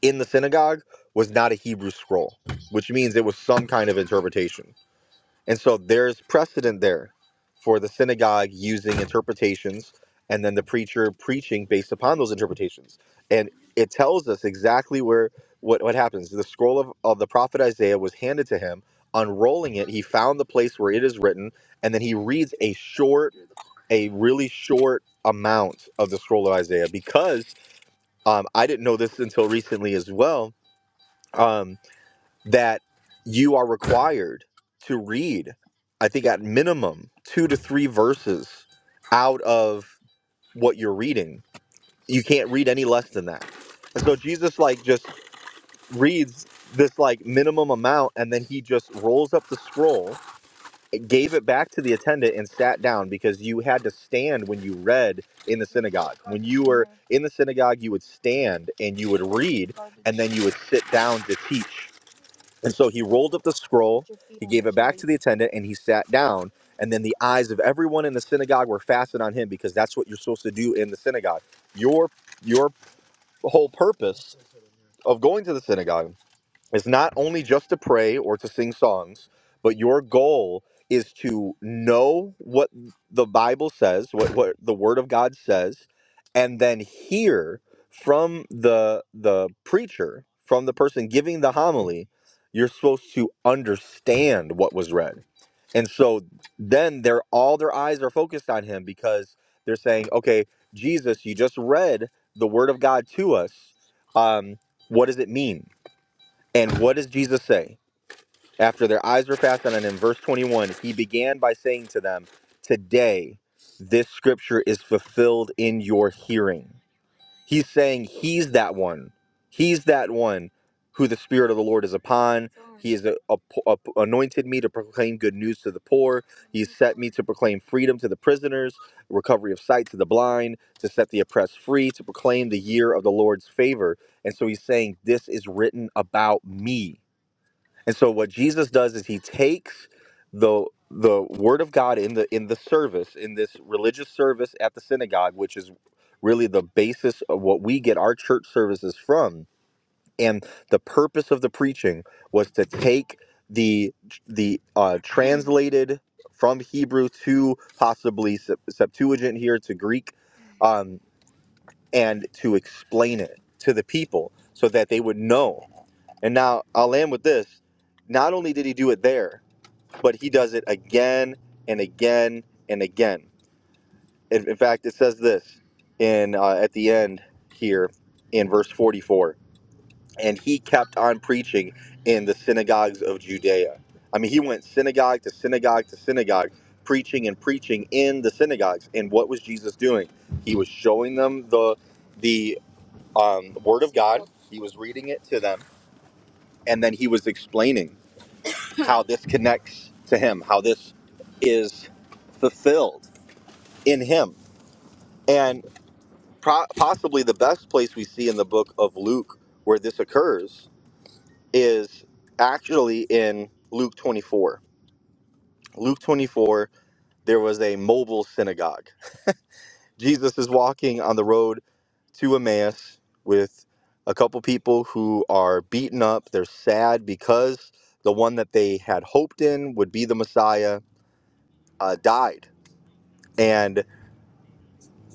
in the synagogue was not a Hebrew scroll, which means it was some kind of interpretation. And so there's precedent there for the synagogue using interpretations and then the preacher preaching based upon those interpretations. And it tells us exactly where what, what happens. The scroll of, of the prophet Isaiah was handed to him. Unrolling it, he found the place where it is written, and then he reads a short, a really short amount of the scroll of Isaiah because um, I didn't know this until recently as well. Um, that you are required to read, I think at minimum, two to three verses out of what you're reading. You can't read any less than that. And so Jesus, like, just reads this, like, minimum amount, and then he just rolls up the scroll, gave it back to the attendant, and sat down because you had to stand when you read in the synagogue. When you were in the synagogue, you would stand and you would read, and then you would sit down to teach. And so he rolled up the scroll, he gave it back to the attendant, and he sat down. And then the eyes of everyone in the synagogue were fastened on him because that's what you're supposed to do in the synagogue. Your your whole purpose of going to the synagogue it's not only just to pray or to sing songs, but your goal is to know what the Bible says, what, what the Word of God says, and then hear from the the preacher, from the person giving the homily. You're supposed to understand what was read, and so then they're all their eyes are focused on him because they're saying, "Okay, Jesus, you just read the Word of God to us. Um, what does it mean?" And what does Jesus say? After their eyes were fastened on him, verse 21, he began by saying to them, Today, this scripture is fulfilled in your hearing. He's saying he's that one. He's that one who the Spirit of the Lord is upon. He has a- a- a- anointed me to proclaim good news to the poor. He's set me to proclaim freedom to the prisoners, recovery of sight to the blind, to set the oppressed free, to proclaim the year of the Lord's favor. And so he's saying, This is written about me and so what Jesus does is he takes the the word of God in the in the service, in this religious service at the synagogue, which is really the basis of what we get our church services from. And the purpose of the preaching was to take the the uh, translated from Hebrew to possibly Sep- Septuagint here to Greek, um, and to explain it to the people so that they would know. And now I'll end with this. Not only did he do it there, but he does it again and again and again. In, in fact, it says this in uh, at the end here in verse 44. And he kept on preaching in the synagogues of Judea. I mean, he went synagogue to synagogue to synagogue, preaching and preaching in the synagogues. And what was Jesus doing? He was showing them the the um, word of God. He was reading it to them, and then he was explaining. how this connects to him, how this is fulfilled in him. And pro- possibly the best place we see in the book of Luke where this occurs is actually in Luke 24. Luke 24, there was a mobile synagogue. Jesus is walking on the road to Emmaus with a couple people who are beaten up. They're sad because the one that they had hoped in would be the Messiah uh, died. And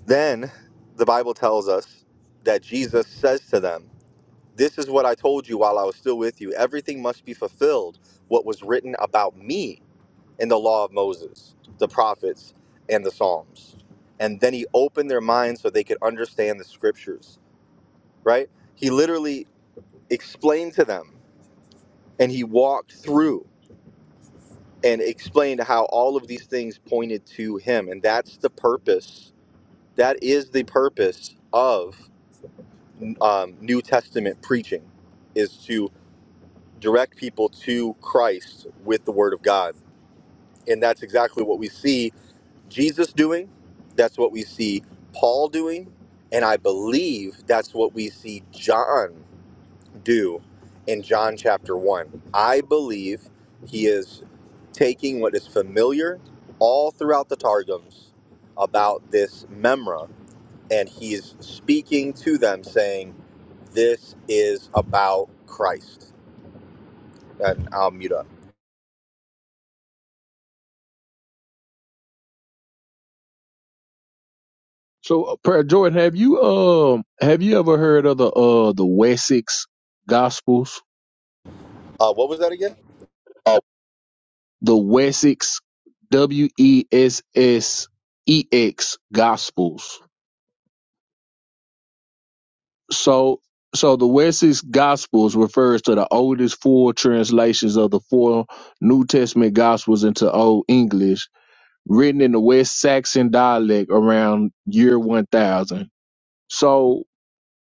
Then the Bible tells us that Jesus says to them, This is what I told you while I was still with you. Everything must be fulfilled, what was written about me in the law of Moses, the prophets, and the Psalms. And then he opened their minds so they could understand the scriptures, right? He literally explained to them and he walked through and explained how all of these things pointed to him. And that's the purpose. That is the purpose of. um, New Testament preaching is to direct people to Christ with the Word of God. And that's exactly what we see Jesus doing. That's what we see Paul doing. And I believe that's what we see John do in John chapter 1. I believe he is taking what is familiar all throughout the Targums about this memra and he is speaking to them saying, This is about Christ. And I'll mute up. So, uh, Prayer Jordan, have you um have you ever heard of the uh the Wessex Gospels? Uh, what was that again? Oh. The Wessex W E S S E X Gospels. So so the Wesley's Gospels refers to the oldest full translations of the four New Testament Gospels into Old English, written in the West Saxon dialect around year one thousand. So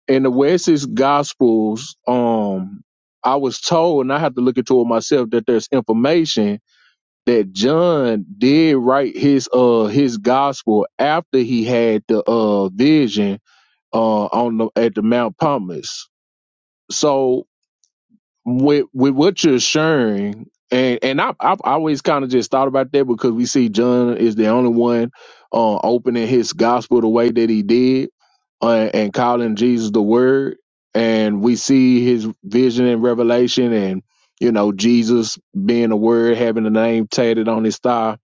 in the Wesley's Gospels, um, I was told, and I have to look into it myself, that there's information that John did write his uh his gospel after he had the uh vision uh on the at the Mount Palmas so with with what you're sharing and and I, i've always kind of just thought about that because we see john is the only one uh, opening his gospel the way that he did uh, and calling jesus the word and we see his vision and revelation and you know jesus being the word having the name tatted on his thigh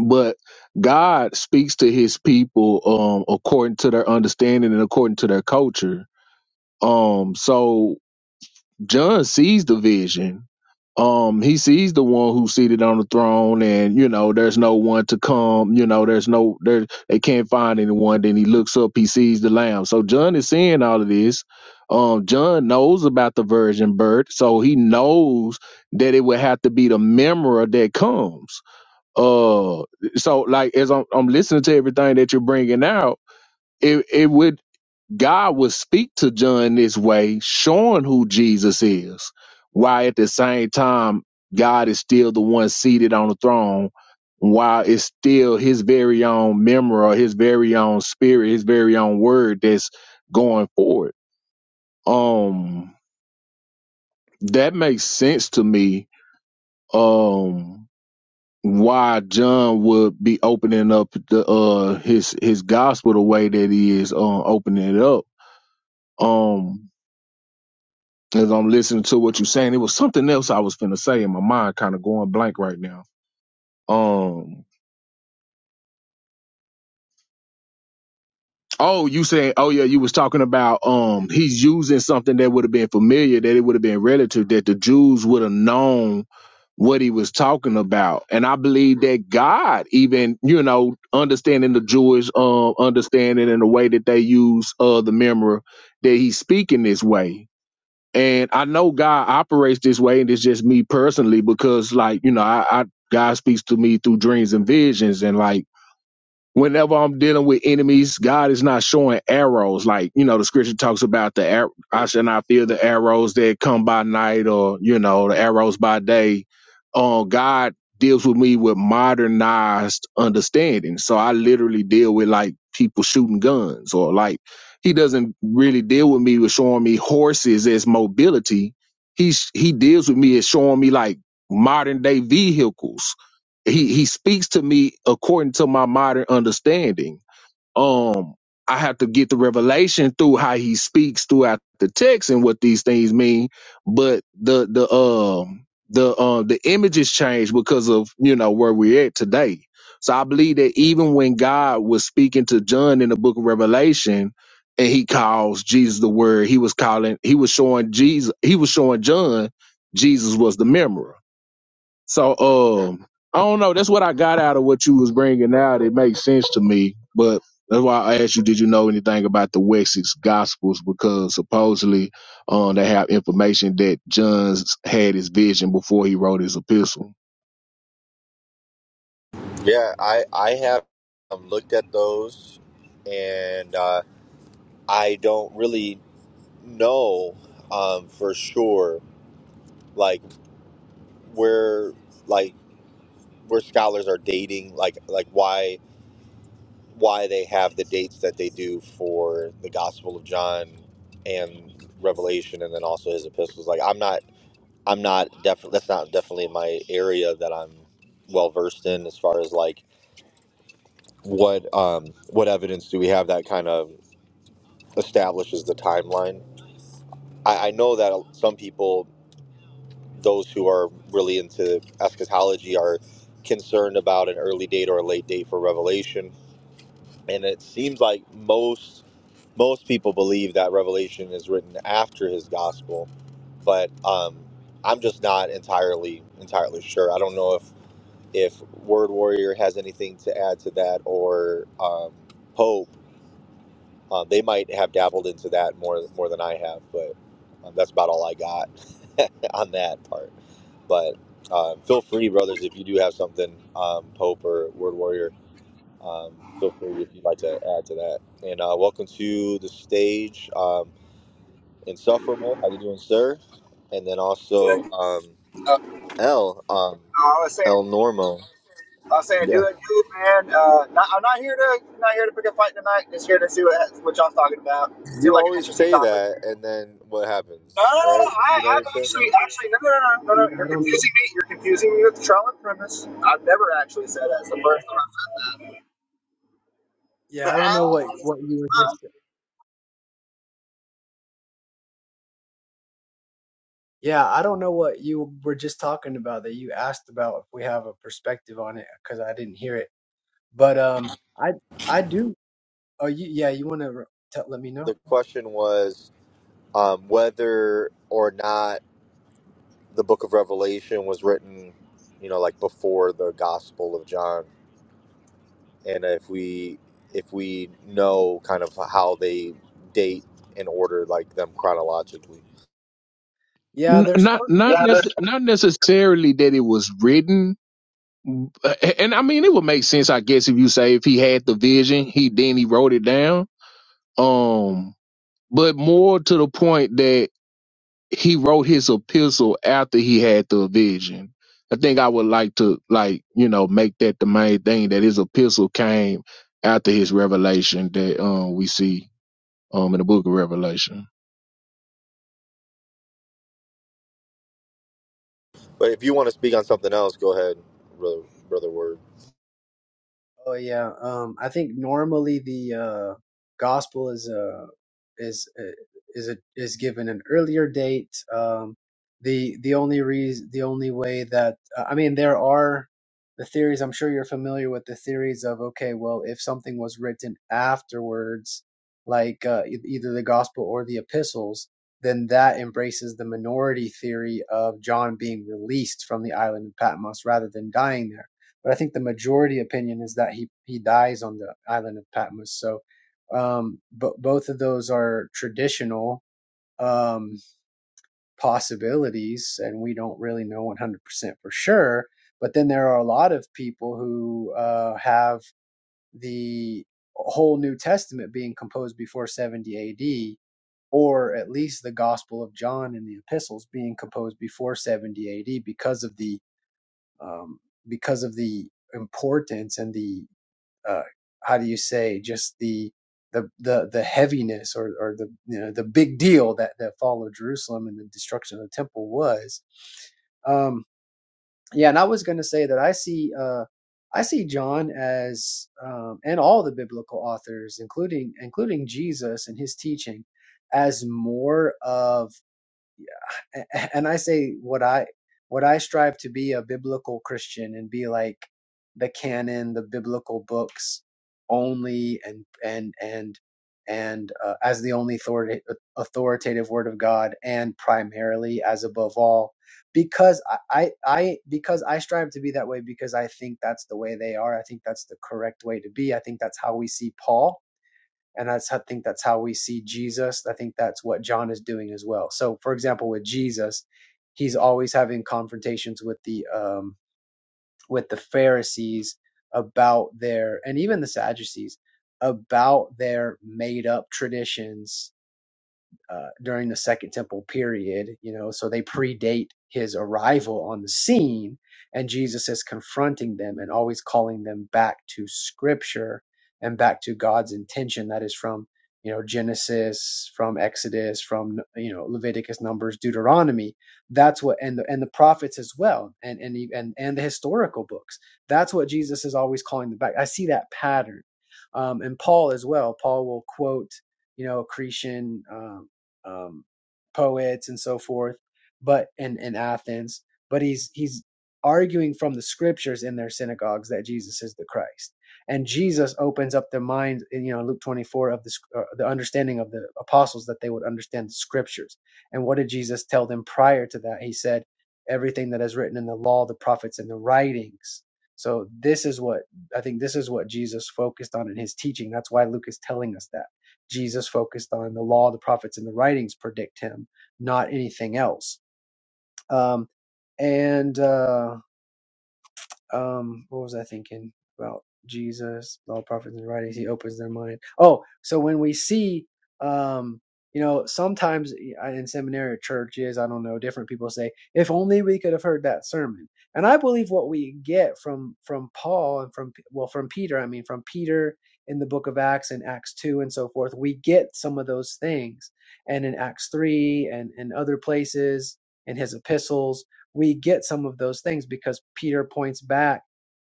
but god speaks to his people um according to their understanding and according to their culture um so John sees the vision. Um, he sees the one who's seated on the throne, and you know, there's no one to come. You know, there's no there. They can't find anyone. Then he looks up. He sees the lamb. So John is seeing all of this. Um, John knows about the virgin birth, so he knows that it would have to be the memory that comes. Uh, so like as I'm, I'm listening to everything that you're bringing out, it it would God would speak to John this way, showing who Jesus is, while at the same time, God is still the one seated on the throne, while it's still his very own memory or his very own spirit, his very own word that's going forward. Um, that makes sense to me. Um, why John would be opening up the uh his his gospel the way that he is um opening it up. Um as I'm listening to what you're saying, it was something else I was finna say in my mind, kind of going blank right now. Um, oh, you saying, oh yeah, you was talking about um, he's using something that would have been familiar, that it would have been relative, that the Jews would have known what he was talking about, and I believe that God, even you know, understanding the Jewish um understanding and the way that they use uh the memory, that he's speaking this way And I know God operates this way, and it's just me personally because, like, you know, I, I God speaks to me through dreams and visions, and like whenever I'm dealing with enemies, God is not showing arrows. Like, you know, the scripture talks about the, ar- I shall not fear the arrows that come by night or, you know, the arrows by day. Um, God deals with me with modernized understanding. So I literally deal with like people shooting guns or like, he doesn't really deal with me with showing me horses as mobility. He's, he deals with me as showing me like modern day vehicles he he speaks to me according to my modern understanding. Um, I have to get the revelation through how he speaks throughout the text and what these things mean. But the the um the um the images change because of you know where we're at today. So I believe that even when God was speaking to John in the book of Revelation and he calls Jesus the word, he was calling he was showing Jesus he was showing John Jesus was the mirror. So, um, I don't know. That's what I got out of what you was bringing out. It makes sense to me, but that's why I asked you, did you know anything about the Wessex Gospels? Because supposedly, um, they have information that John's had his vision before he wrote his epistle. Yeah, I, I have um, looked at those and uh, I don't really know um, for sure like where like where scholars are dating like like why why they have the dates that they do for the Gospel of John and Revelation and then also his epistles like I'm not I'm not definitely that's not definitely my area that I'm well versed in as far as like what um what evidence do we have that kind of establishes the timeline. I, I know that some people, those who are really into eschatology, are concerned about an early date or a late date for revelation, and it seems like most most people believe that revelation is written after his gospel, but um, I'm just not entirely entirely sure. I don't know if if Word Warrior has anything to add to that or um, Pope, uh, they might have dabbled into that more more than I have, but um, that's about all I got on that part. But um, feel free, brothers, if you do have something, um, Pope or Word Warrior, um, feel free if you'd like to add to that. And uh, welcome to the stage, um, Insufferable. How you doing, sir? And then But, also um, Uh, uh, L um, I was El saying, Normo. I was saying, Yeah, do it, do it, man. Uh, not, I'm not here to, not here to pick a fight tonight. Just here to see what, what y'all's talking about. Seemed You like an always interesting say topic. that, and then what No, happens, no, no, no. no. right? I, You know what I'm I've saying? actually, actually, no, no, no, no, no, no. Yeah, You're I don't. confusing me. You're confusing me with the and premise. I've never actually said that. It's the first time I've Yeah, said I don't know what what you were that. just. Yeah, I don't know what you were just talking about that you asked about if we have a perspective on it because I didn't hear it. But um, I I do. Oh, you yeah, you want to let me know? The question was um, whether or not the book of Revelation was written, you know, like before the Gospel of John, and if we if we know kind of how they date and order like them chronologically. Yeah, N- there's. Not, not, Yeah, nec- that, not necessarily that it was written, uh, and I mean it would make sense, I guess, if you say if he had the vision, he then he wrote it down. Um, but more to the point that he wrote his epistle after he had the vision. I think I would like to like, you know, make that the main thing that his epistle came after his revelation that um we see um in the book of Revelation. But if you want to speak on something else, go ahead, brother. Brother Word, Oh yeah. Um, I think normally the uh, gospel is uh, is uh, is a, is given an earlier date. Um, the the only reason the only way that uh, I mean there are the theories. I'm sure you're familiar with the theories of okay, well, if something was written afterwards, like uh, e- either the gospel or the epistles, then that embraces the minority theory of John being released from the island of Patmos rather than dying there but I think the majority opinion is that he he dies on the island of Patmos. So, um, but both of those are traditional um, possibilities, and we don't really know 100% for sure. But then there are a lot of people who uh, have the whole New Testament being composed before 70 AD or at least the Gospel of John and the epistles being composed before 70 AD because of the um, because of the importance and the uh, how do you say just the the the the heaviness or or the you know the big deal that that fall of Jerusalem and the destruction of the temple was. Um, yeah, and I was going to say that I see uh, I see John as um, and all the biblical authors, including including Jesus and his teaching, as more of and I say what I what I strive to be a biblical Christian and be like the canon, the biblical books only, and and and and uh, as the only authority, authoritative word of God, and primarily as above all, because I, I I because I strive to be that way because I think that's the way they are. I think that's the correct way to be. I think that's how we see Paul and that's I think that's how we see Jesus. I think that's what John is doing as well. So, for example, with Jesus, he's always having confrontations with the um, with the Pharisees about their and even the Sadducees about their made up traditions uh, during the Second Temple period, you know, so they predate his arrival on the scene, and Jesus is confronting them and always calling them back to Scripture and back to God's intention that is from you know Genesis, from Exodus, from you know Leviticus, Numbers, Deuteronomy. That's what and the and the prophets as well, and and he- and and the historical books. That's what Jesus is always calling them back. I see that pattern, um, and Paul as well. Paul will quote you know, Cretan. um, um, poets and so forth, but in, in Athens, but he's he's arguing from the scriptures in their synagogues that Jesus is the Christ. And Jesus opens up their minds. you know, Luke 24 of the uh, the understanding of the apostles that they would understand the scriptures. And what did Jesus tell them prior to that? He said, "Everything that is written in the law, the prophets, and the writings." So this is what I think. This is what Jesus focused on in his teaching. That's why Luke is telling us that Jesus focused on the law, the prophets, and the writings predict him, not anything else. Um, and uh, um what was i thinking about jesus all prophets and writings he opens their mind oh so when we see um you know sometimes uh, in seminary or churches i don't know different people say if only we could have heard that sermon and i believe what we get from from paul and from well from peter i mean from peter in the book of acts and acts 2 and so forth we get some of those things and in acts 3 and and other places in his epistles we get some of those things because Peter points back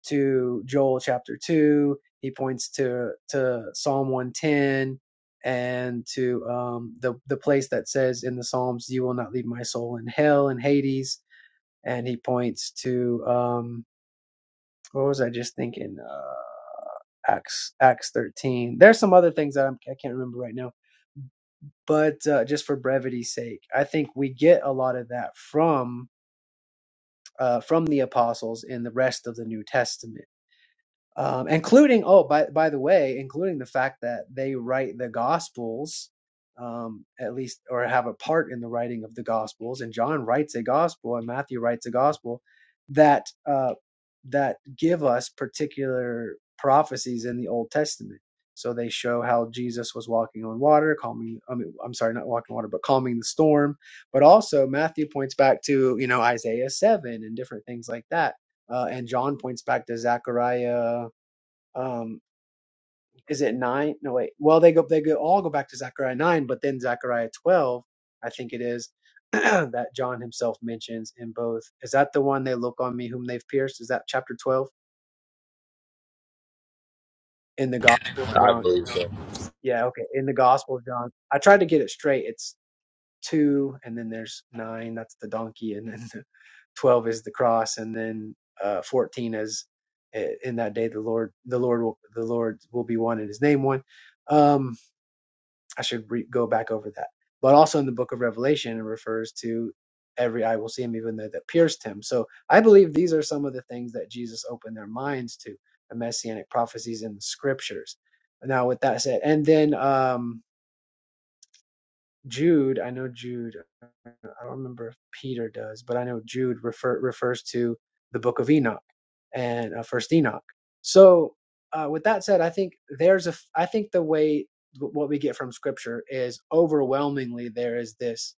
to Joel chapter 2, he points to to Psalm 110 and to um the the place that says in the Psalms you will not leave my soul in hell and Hades and he points to um what was I just thinking uh Acts Acts 13. There's some other things that I'm, I can't remember right now, but uh, just for brevity's sake, I think we get a lot of that from uh, from the apostles in the rest of the New Testament um, including oh by by the way, including the fact that they write the Gospels, um, at least or have a part in the writing of the Gospels, and John writes a Gospel and Matthew writes a Gospel that uh, that give us particular prophecies in the Old Testament. So they show how Jesus was walking on water, calming. I mean, I'm sorry, not walking on water, but calming the storm. But also Matthew points back to you know Isaiah seven and different things like that, uh, and John points back to Zechariah um is it nine no wait well they go they go all go back to zechariah 9 but then zechariah 12 i think it is that john himself mentions in both is that the one they look on me whom they've pierced is that chapter 12 in the gospel of I john believe so. yeah okay in the gospel of john i tried to get it straight it's two and then there's nine that's the donkey and then the 12 is the cross and then uh 14 is eh, in that day the lord the lord will the lord will be one and his name one Um. I should re- go back over that. But also in the book of Revelation, it refers to every eye will see him, even though that pierced him. So I believe these are some of the things that Jesus opened their minds to the messianic prophecies in the scriptures. Now, with that said, and then um, Jude, I know Jude. uh, I don't remember if Peter does, but I know Jude refer, refers to the Book of Enoch and uh, First Enoch. So, uh, with that said, I think there's a. I think the way what we get from Scripture is overwhelmingly there is this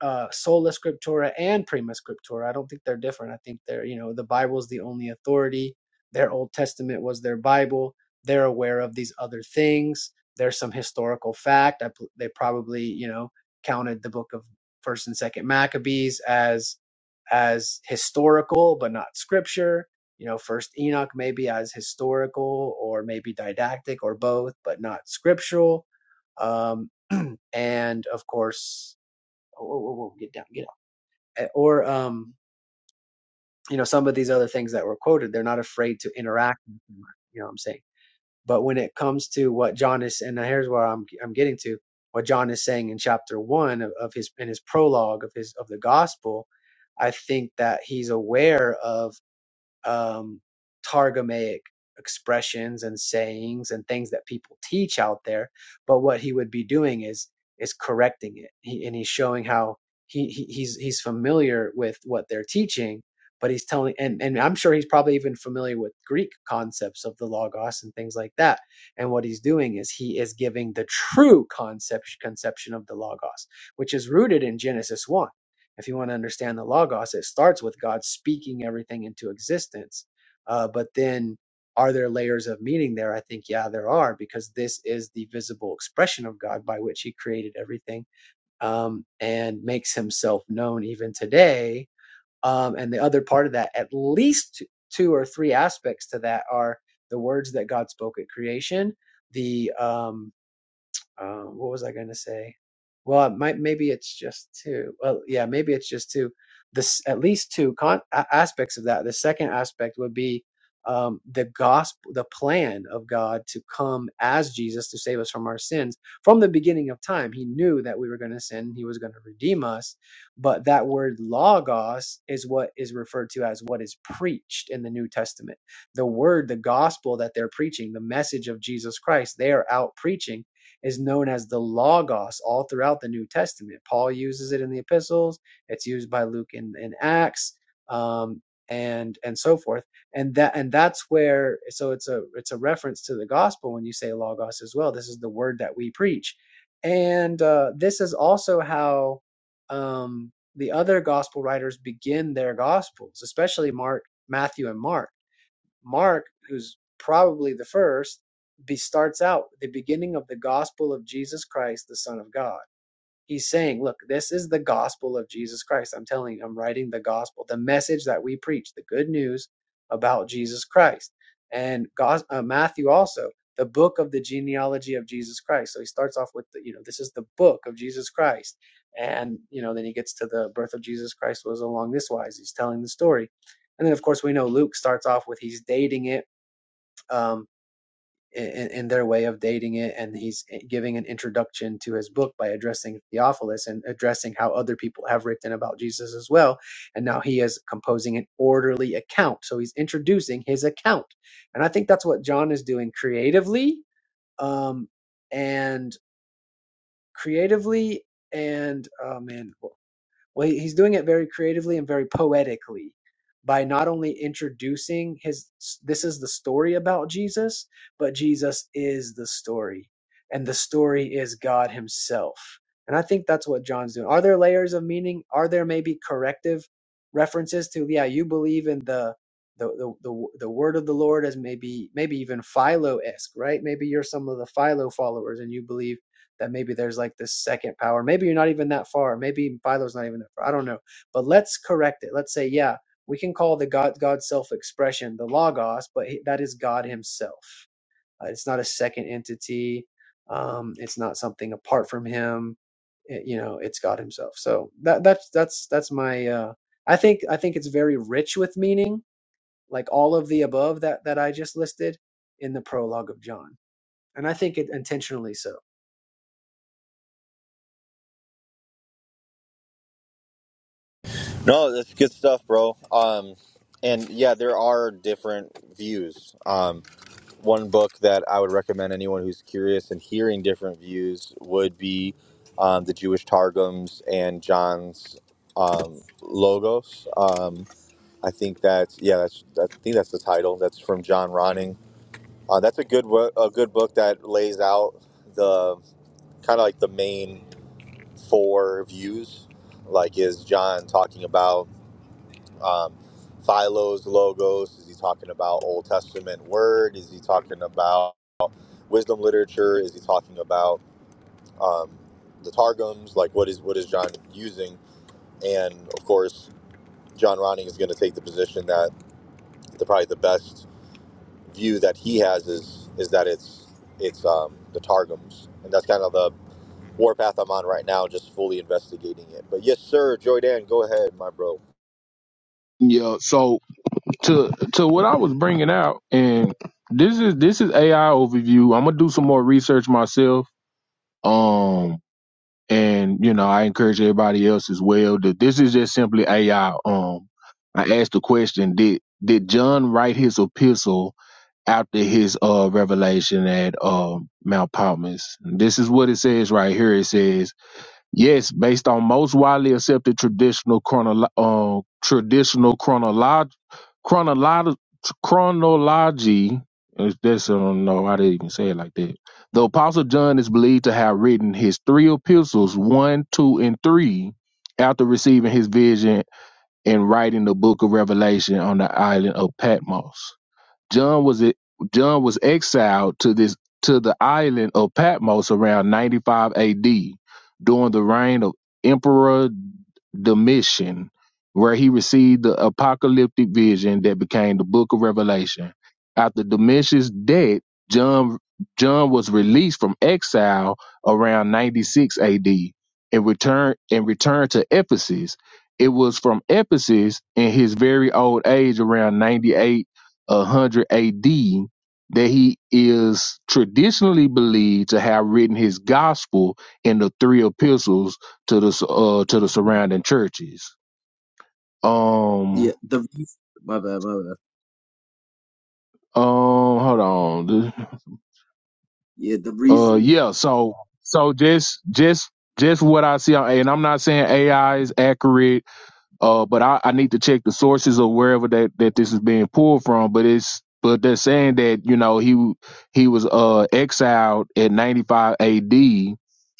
uh, sola scriptura and prima scriptura. I don't think they're different. I think they're you know the Bible's the only authority. Their Old Testament was their Bible. They're aware of these other things. There's some historical fact. I, they probably you know counted the book of First and Second Maccabees as as historical but not scripture. You know, First Enoch maybe as historical or maybe didactic or both, but not scriptural. Um, and of course oh, whoa, whoa, get down, get out. Eh, Or, um, you know, some of these other things that were quoted, they're not afraid to interact. You know what I'm saying? But when it comes to what John is, and here's where I'm, I'm getting to what John is saying in chapter one of, of his, in his prologue of his, of the gospel, I think that he's aware of um, Targumaic expressions and sayings and things that people teach out there. But what he would be doing is is correcting it, he, and he's showing how he, he he's he's familiar with what they're teaching, but he's telling, and and I'm sure he's probably even familiar with Greek concepts of the logos and things like that. And what he's doing is he is giving the true concept conception of the logos, which is rooted in Genesis one if you want to understand the Logos, it starts with God speaking everything into existence. Uh, but then, are there layers of meaning there? I think, yeah, there are, because this is the visible expression of God by which He created everything um, and makes Himself known even today. Um, and the other part of that, at least two or three aspects to that, are the words that God spoke at creation, the um, um, what was I going to say? Well, it might maybe it's just two. Well, yeah, maybe it's just two. This at least two con- a- aspects of that. The second aspect would be um, the gospel, the plan of God to come as Jesus to save us from our sins from the beginning of time. He knew that we were going to sin. He was going to redeem us. But that word logos is what is referred to as what is preached in the New Testament. The word, the gospel that they're preaching, the message of Jesus Christ, they are out preaching is known as the Logos all throughout the New Testament. Paul uses it in the epistles, it's used by Luke in, in Acts, um, and and so forth. And that and that's where so it's a it's a reference to the gospel when you say Logos as well. This is the word that we preach. And uh, this is also how um, the other gospel writers begin their gospels, especially Mark, Matthew, and Mark Mark, who's probably the first, be, starts out the beginning of the gospel of Jesus Christ, the Son of God. He's saying, look, this is the gospel of Jesus Christ. I'm telling you, I'm writing the gospel, the message that we preach, the good news about Jesus Christ. And Gos uh, Matthew also, the book of the genealogy of Jesus Christ. So he starts off with, the, you know, this is the book of Jesus Christ. And, you know, then he gets to the birth of Jesus Christ was along this wise. He's telling the story. And then, of course, we know Luke starts off with he's dating it. Um, in, in their way of dating it. And he's eh, giving an introduction to his book by addressing Theophilus and addressing how other people have written about Jesus as well. And now he is composing an orderly account. So he's introducing his account. And I think that's what John is doing creatively. Um, and creatively, and oh man, well he's doing it very creatively and very poetically by not only introducing his this is the story about Jesus but Jesus is the story and the story is God himself and i think that's what John's doing are there layers of meaning are there maybe corrective references to yeah you believe in the the, the, the, the word of the Lord as maybe maybe even Philo esque, right? Maybe you're some of the Philo followers and you believe that maybe there's like this second power. Maybe you're not even that far. Maybe Philo's not even that far. I don't know. But let's correct it. Let's say, yeah, we can call the God God's self-expression the Logos, but he- that is God Himself. Uh, it's not a second entity. Um, it's not something apart from Him. It- you know, it's God Himself. So that that's that's that's my. Uh, I think I think it's very rich with meaning, like all of the above that that I just listed in the prologue of John, and I think it intentionally so. No, that's good stuff, bro. Um, and yeah, there are different views. Um, one book that I would recommend anyone who's curious and hearing different views would be um, the Jewish Targums and John's um, Logos. Um, I think that's yeah, that's I think that's the title. That's from John Ronning. Uh, that's a good wo- a good book that lays out the kind of like the main four views. Like, is John talking about um, Philo's logos? Is he talking about Old Testament word? Is he talking about wisdom literature? Is he talking about um, the targums? Like, what is what is John using? And of course, John Ronning is going to take the position that the probably the best view that he has is is that it's it's um, the targums, and that's kind of the warpath I'm on right now, just fully investigating it. But yes, sir, Joy Dan, go ahead, my bro. Yeah, so to to what I was bringing out and this is this is AI overview. I'm going to do some more research myself. Um, and you know i encourage everybody else as well that this is just simply ai um i asked the question did did john write his epistle after his uh revelation at um mount palmas And this is what it says right here it says Yes, based on most widely accepted traditional chronolo- uh, traditional chronolog chronolog chronology. is- That's I don't know why they even say it like that. The Apostle John is believed to have written his three epistles, one, two, and three, after receiving his vision and writing the Book of Revelation on the island of Patmos. John was it John was exiled to this to the island of Patmos around 95 AD during the reign of Emperor Domitian, where he received the apocalyptic vision that became the book of Revelation. After Domitian's death, John John was released from exile around 96 AD and returned and returned to Ephesus. It was from Ephesus in his very old age around 98 100 AD that he is traditionally believed to have written his gospel in the three epistles to the uh, to the surrounding churches. Yeah, Um, the reas- my bad, my bad. um, hold on. Yeah, the Uh, reason. yeah. So, so just, just, just what I see, and I'm not saying AI is accurate Uh, but I, I need to check the sources of wherever that, that this is being pulled from. But it's but they're saying that you know he he was uh exiled at 95 A.D.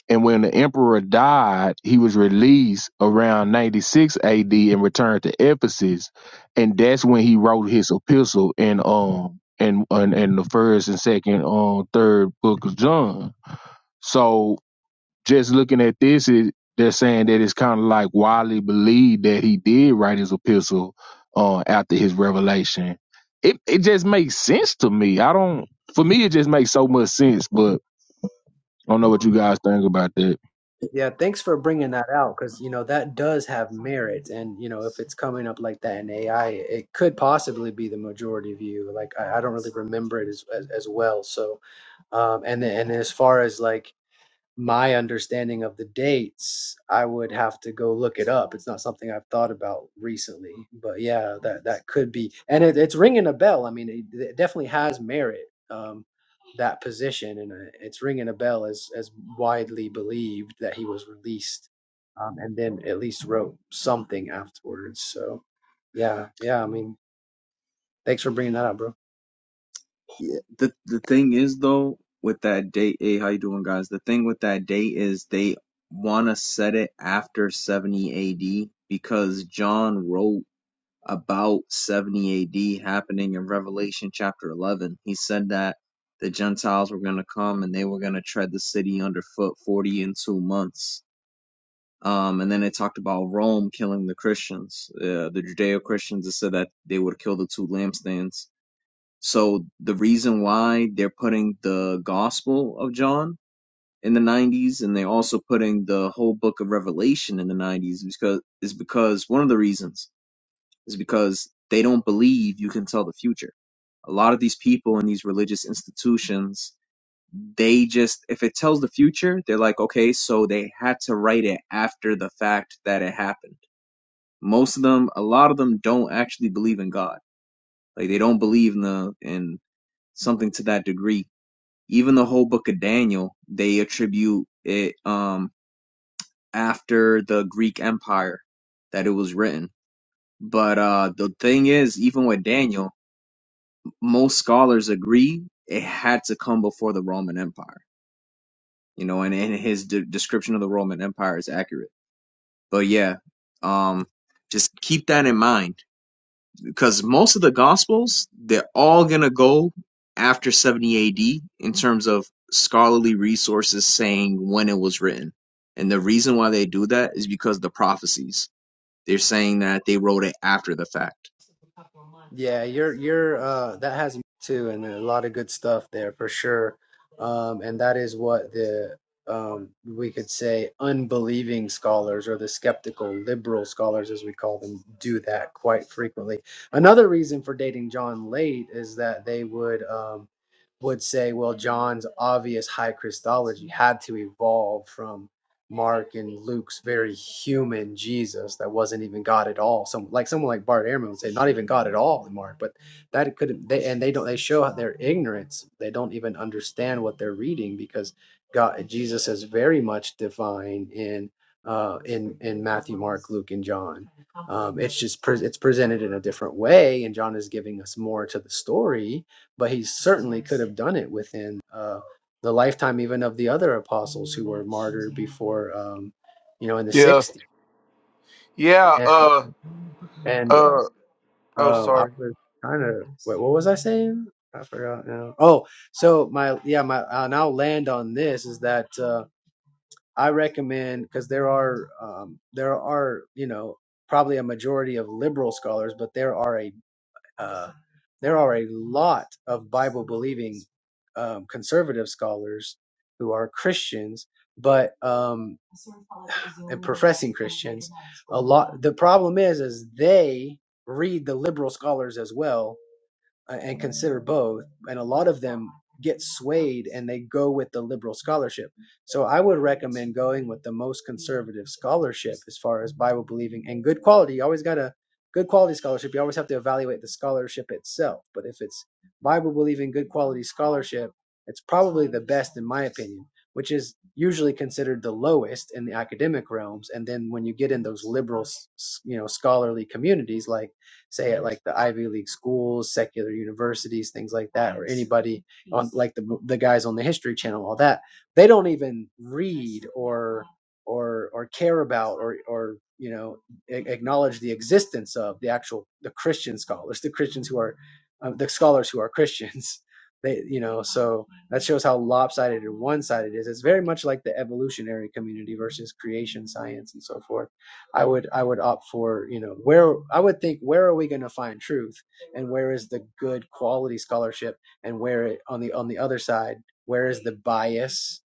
and when the emperor died, he was released around 96 A.D. and returned to Ephesus, and that's when he wrote his epistle in um in in, in the first and second um third book of John. So just looking at this, it, they're saying that it's kind of like widely believed that he did write his epistle uh, after his revelation. It it just makes sense to me. I don't. For me, it just makes so much sense. But I don't know what you guys think about that. Yeah, thanks for bringing that out because you know that does have merit, and you know if it's coming up like that in AI, it could possibly be the majority view. Like I, I don't really remember it as as, as well. So, um, and then, and as far as like my understanding of the dates, I would have to go look it up. It's not something I've thought about recently, but yeah, that that could be, and it, it's ringing a bell. I mean, it, it definitely has merit um, that position, and uh, it's ringing a bell as as widely believed that he was released, um, and then at least wrote something afterwards. So, yeah, yeah. I mean, thanks for bringing that up, bro. Yeah, the the thing is though with that date. Hey, how you doing, guys? The thing with that date is they want to set it after 70 A.D. because John wrote about 70 A.D. happening in Revelation chapter 11. He said that the Gentiles were going to come and they were going to tread the city underfoot 40 and two months. Um, and then it talked about Rome killing the Christians, uh, the Judeo Christians. It said that they would kill the two lampstands. So the reason why they're putting the Gospel of John in the 90s and they're also putting the whole book of Revelation in the 90s because is because one of the reasons is because they don't believe you can tell the future. A lot of these people in these religious institutions, they just if it tells the future, they're like, okay, so they had to write it after the fact that it happened most of them, a lot of them don't actually believe in God. Like they don't believe in the in something to that degree. Even the whole book of Daniel, they attribute it um after the Greek Empire that it was written. But uh the thing is, even with Daniel, most scholars agree it had to come before the Roman Empire. You know, and, and his de- description of the Roman Empire is accurate. But yeah, um, just keep that in mind because most of the gospels they're all going to go after 70 AD in terms of scholarly resources saying when it was written. And the reason why they do that is because of the prophecies. They're saying that they wrote it after the fact. Yeah, you're you're uh that has me too and a lot of good stuff there for sure. Um and that is what the um we could say unbelieving scholars or the skeptical liberal scholars as we call them do that quite frequently. Another reason for dating John late is that they would um would say well John's obvious high Christology had to evolve from. Mark and Luke's very human Jesus that wasn't even God at all. Some like someone like Bart Ehrman would say, not even God at all in Mark, but that could they and they don't they show their ignorance. They don't even understand what they're reading because God Jesus is very much divine in uh in in Matthew, Mark, Luke, and John. Um, it's just pre- it's presented in a different way, and John is giving us more to the story, but he certainly could have done it within uh, the lifetime even of the other apostles who were martyred before, um, you know, in the Yeah. 60s. Yeah, And, uh and Uh oh, um, I sorry. was kind of, wait, what was I saying? I forgot now. Oh, so my, yeah, my, and I'll land on this is that uh, I recommend, because there are, um, there are, you know, probably a majority of liberal scholars, but there are a uh, there are a lot of Bible believing um, conservative scholars who are Christians, but um, and professing Christians. A lot. The problem is, is they read the liberal scholars as well, uh, and consider both. And a lot of them get swayed and they go with the liberal scholarship. So I would recommend going with the most conservative scholarship as far as Bible believing and good quality. You always got a good quality scholarship. You always have to evaluate the scholarship itself. But if it's Bible believing, good quality scholarship, it's probably the best in my opinion, which is usually considered the lowest in the academic realms. And then when you get in those liberal, you know, scholarly communities like say at like the Ivy League schools, secular universities, things like that, nice. or Yes. anybody nice. on like the the guys on the History Channel, all that, they don't even read or or or care about or or you know a- acknowledge the existence of the actual the Christian scholars, the Christians who are uh, the scholars who are Christians. They you know so that shows how lopsided and one sided it is. It's very much like the evolutionary community versus creation science and so forth. I would I would opt for, you know, where I would think where are we gonna find truth and where is the good quality scholarship and where on the on the other side, where is the bias?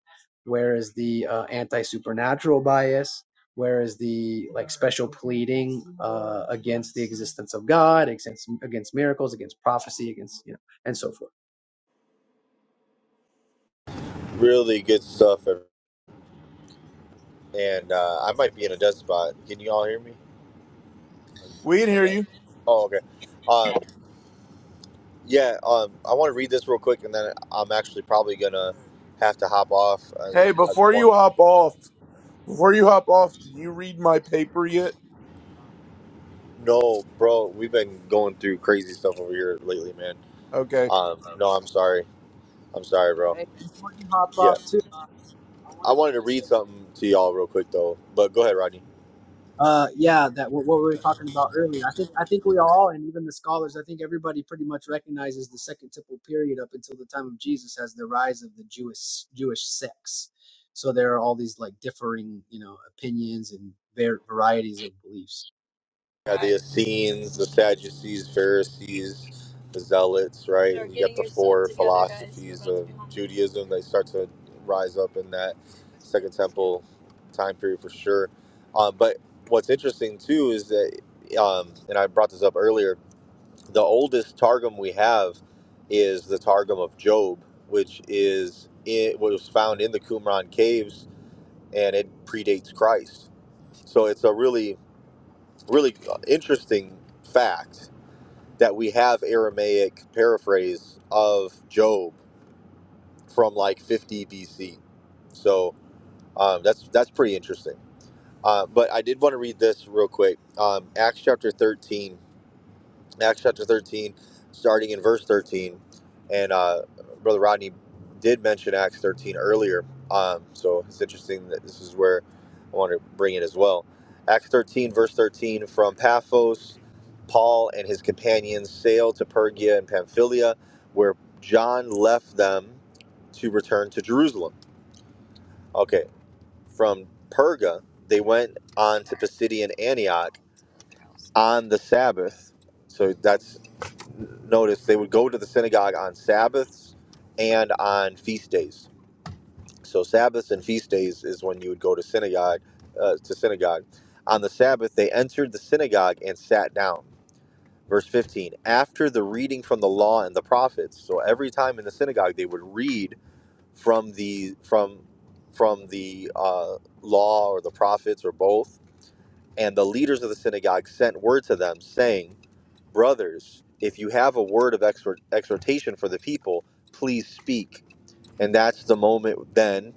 Where is the uh, anti supernatural bias? Where is the like special pleading uh, against the existence of God, against against miracles, against prophecy, against you know, and so forth. Really good stuff, and uh, I might be in a dead spot. Can you all hear me? We can hear Okay. you. Oh, okay. Um, Yeah, um, I want to read this real quick, and then I'm actually probably gonna have to hop off uh, if Hey, you guys before want. you hop off, before you hop off, did you read my paper yet? No, bro, we've been going through crazy stuff over here lately, man. Okay. Um, no, I'm sorry, I'm sorry, bro. Yeah, Uh, I I wanted to wanted to just say read something to y'all real quick though, but go ahead, Rodney. Uh, yeah, that what, what we were talking about earlier. I think I think we all, and even the scholars, I think everybody pretty much recognizes the Second Temple period up until the time of Jesus as the rise of the Jewish Jewish sects. So there are all these like differing, you know, opinions and var- varieties of beliefs. Yeah, the Essenes, the Sadducees, Pharisees, the Zealots, right? Start You got the four together, philosophies guys. of Judaism. They start to rise up in that Second Temple time period for sure. Um, but what's interesting too is that, um, and I brought this up earlier, the oldest Targum we have is the Targum of Job, which is it was found in the Qumran caves and it predates Christ. So it's a really, really interesting fact that we have Aramaic paraphrase of Job from like 50 BC. So um, that's that's pretty interesting. Uh, but I did want to read this real quick. Um, Acts chapter 13. Acts chapter 13, starting in verse 13. And uh, Brother Rodney did mention Acts 13 earlier. Um, so it's interesting that this is where I want to bring it as well. Acts 13, verse 13 From Paphos, Paul and his companions sailed to Pergia and Pamphylia, where John left them to return to Jerusalem. Okay, from Perga, they went on to Pisidian Antioch on the Sabbath. So that's notice they would go to the synagogue on Sabbaths and on feast days. So Sabbaths and feast days is when you would go to synagogue uh, to synagogue. On the Sabbath they entered the synagogue and sat down. Verse 15. After the reading from the law and the prophets. So every time in the synagogue they would read from the from from the uh, law or the prophets or both. And the leaders of the synagogue sent word to them saying brothers, if you have a word of exhort, exhortation for the people, please speak. And that's the moment then,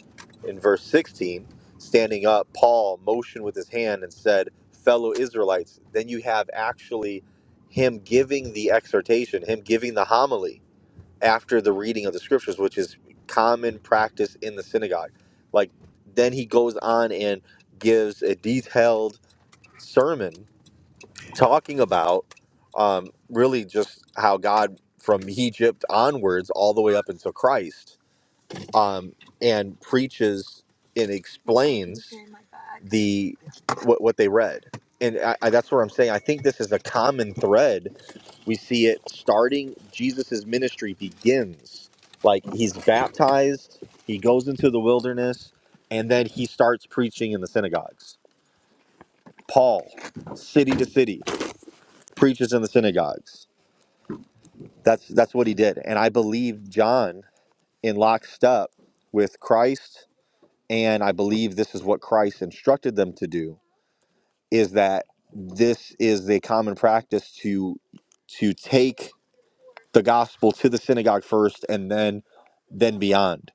in verse 16, standing up, Paul motioned with his hand and said, Fellow Israelites. Then you have actually him giving the exhortation, him giving the homily after the reading of the scriptures, which is common practice in the synagogue. Like, then he goes on and gives a detailed sermon talking about um, really just how God from Egypt onwards, all the way up until Christ, um, and preaches and explains the what, what they read. And I, I, that's where I'm saying I think this is a common thread. We see it starting Jesus's ministry begins. Like he's baptized, he goes into the wilderness, and then he starts preaching in the synagogues. Paul, city to city, preaches in the synagogues That's that's what he did, and I believe John in lockstep with Christ, and I believe this is what Christ instructed them to do. Is that this is the common practice to to take the gospel to the synagogue first, and then then beyond.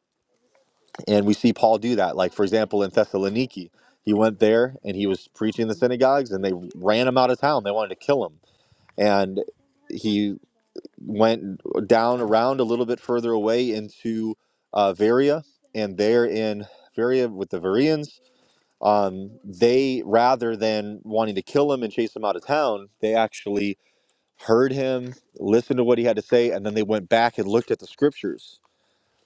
And we see Paul do that. Like for example, in Thessaloniki, he went there and he was preaching in the synagogues, and they ran him out of town. They wanted to kill him, and he went down around a little bit further away into uh, Varia, and there in Varia with the Varians, um, they rather than wanting to kill him and chase him out of town, they actually heard him, listened to what he had to say, and then they went back and looked at the scriptures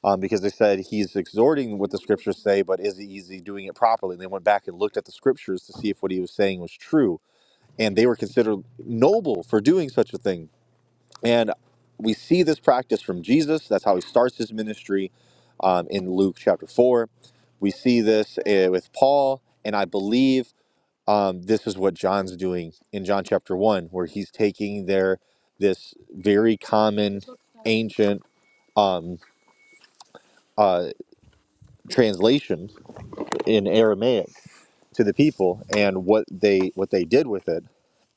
um, because they said he's exhorting what the scriptures say, but is he, is he doing it properly? And they went back and looked at the scriptures to see if what he was saying was true, and they were considered noble for doing such a thing and we see this practice from Jesus. That's how he starts his ministry um, in Luke chapter 4. We see this uh, with Paul, and I believe um, this is what John's doing in John chapter 1, where he's taking their this very common ancient um, uh, translation in Aramaic to the people and what they what they did with it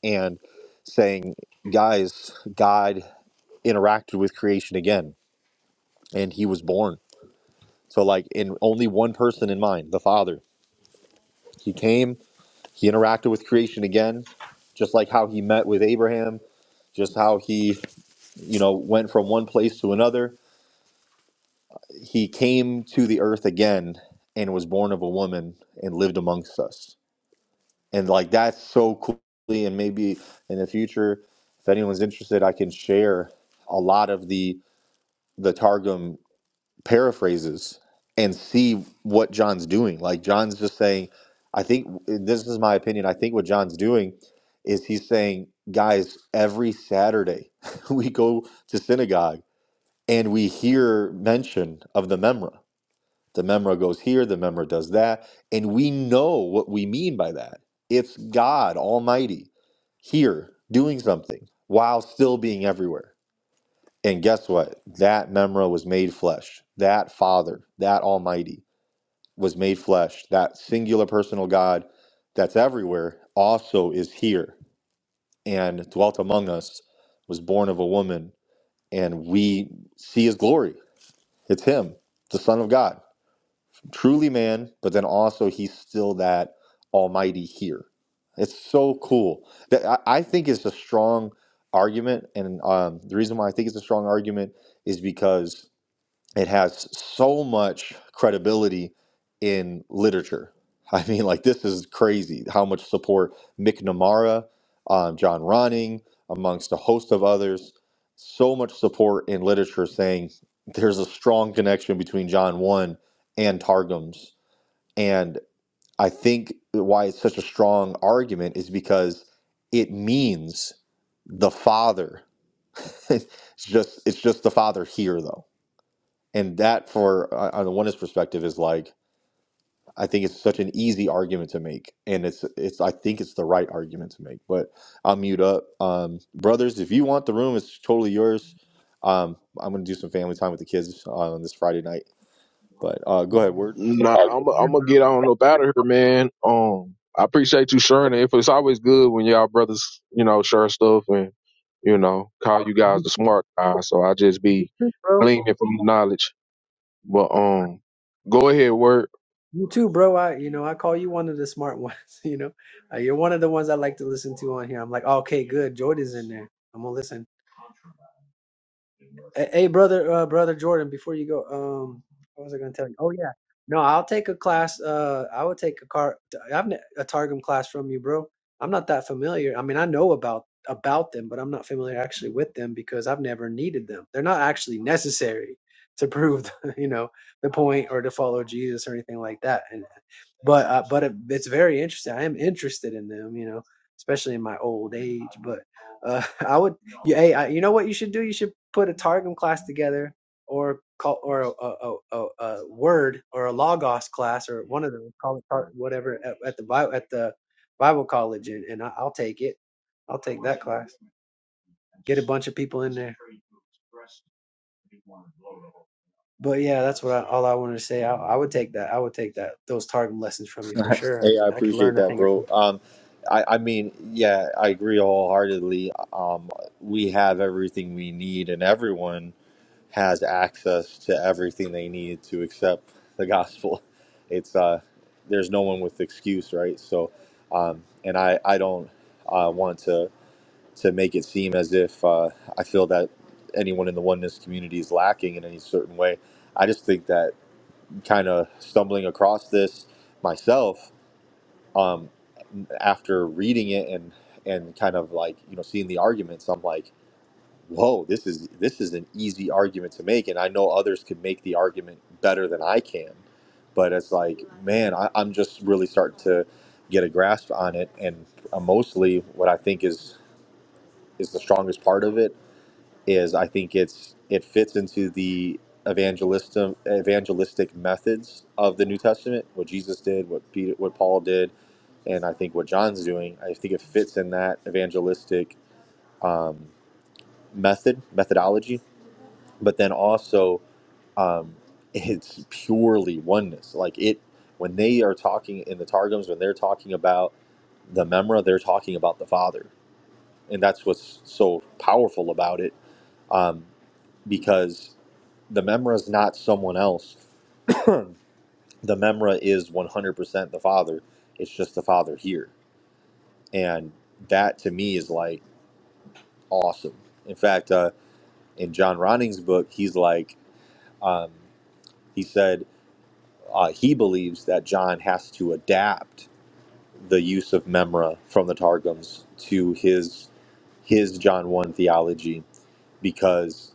and saying, guys, God interacted with creation again and he was born. So like in only one person in mind, the Father. He came, he interacted with creation again, just like how he met with Abraham, just how he, you know, went from one place to another. He came to the earth again and was born of a woman and lived amongst us. And like that's so cool and maybe in the future if anyone's interested I can share a lot of the the targum paraphrases and see what John's doing. Like John's just saying, I think and this is my opinion. I think what John's doing is he's saying, guys, every Saturday we go to synagogue and we hear mention of the memra. The memra goes here, the memra does that, and we know what we mean by that. It's God Almighty here doing something while still being everywhere and guess what? That Memra was made flesh. That Father, that Almighty was made flesh. That singular personal God that's everywhere also is here and dwelt among us, was born of a woman, and we see his glory. It's him, the Son of God, truly man, but then also he's still that Almighty here. It's so cool. That I I think it's a strong argument, and um, the reason why I think it's a strong argument is because it has so much credibility in literature. I mean, like this is crazy how much support McNamara, um, John Ronning, amongst a host of others, so much support in literature saying there's a strong connection between John one and Targums, and I think why it's such a strong argument is because it means the father. it's just it's just the father here though and that for uh, on the oneness perspective is like i think it's such an easy argument to make and it's it's i think it's the right argument to make but i'll mute up um brothers if you want the room it's totally yours um i'm gonna do some family time with the kids uh, on this friday night but uh go ahead word Nah, I'm i am i gonna get on up out of here, man. Um, I appreciate you sharing it. If it's always good when y'all brothers, you know, share stuff and you know, call you guys the smart guys. So I just be Bro, gleaning from the knowledge. But um, go ahead, work. you too, bro. I, you know, I call you one of the smart ones. You know, uh, you're one of the ones I like to listen to on here. I'm like, okay, good. Jordan's in there. I'm gonna listen. Hey, hey, brother, uh, brother Jordan, before you go, um, what was I going to tell you? Oh yeah, no, I'll take a class. Uh, I would take a car. I've ne- a Targum class from you, bro. I'm not that familiar. I mean, I know about about them, but I'm not familiar actually with them because I've never needed them. They're not actually necessary to prove, the, you know, the point or to follow Jesus or anything like that. And but uh, but it, it's very interesting. I am interested in them, you know, especially in my old age. But uh, I would, you, hey, I, you know what you should do? You should put a Targum class together, or call, or a, a, a, a a word or a Logos class, or one of them. Call it Tar- whatever at, at the Bible at the Bible college, and, and I, I'll take it. I'll take that class. Get a bunch of people in there. But yeah, that's what I, all I wanted to say. I, I would take that. I would take that those Targum lessons from you for sure. hey i I, I could appreciate learn a that thing or bro two. um I, I mean, yeah, I agree wholeheartedly. Um, we have everything we need, and everyone has access to everything they need to accept the gospel. It's uh, there's no one with excuse, right? So, um, and I I don't uh, want to to make it seem as if uh, I feel that anyone in the oneness community is lacking in any certain way. I just think that kind of stumbling across this myself um, after reading it and and kind of like you know seeing the arguments, I'm like whoa this is this is an easy argument to make and i know others could make the argument better than i can but it's like man I, i'm just really starting to get a grasp on it and uh, mostly what i think is is the strongest part of it is i think it's it fits into the evangelism evangelistic methods of the new testament what jesus did what peter what paul did and i think what john's doing i think it fits in that evangelistic um, method methodology but then also um, it's purely oneness. Like it, when they are talking in the Targums, when they're talking about the Memra, they're talking about the Father, and that's what's so powerful about it, um, because the Memra is not someone else. the Memra is 100% the Father. It's just the Father here, and that to me is like awesome. In fact, uh, in John Ronning's book, he's like. Um, he said Uh, he believes that John has to adapt the use of memra from the Targums to his his John one theology because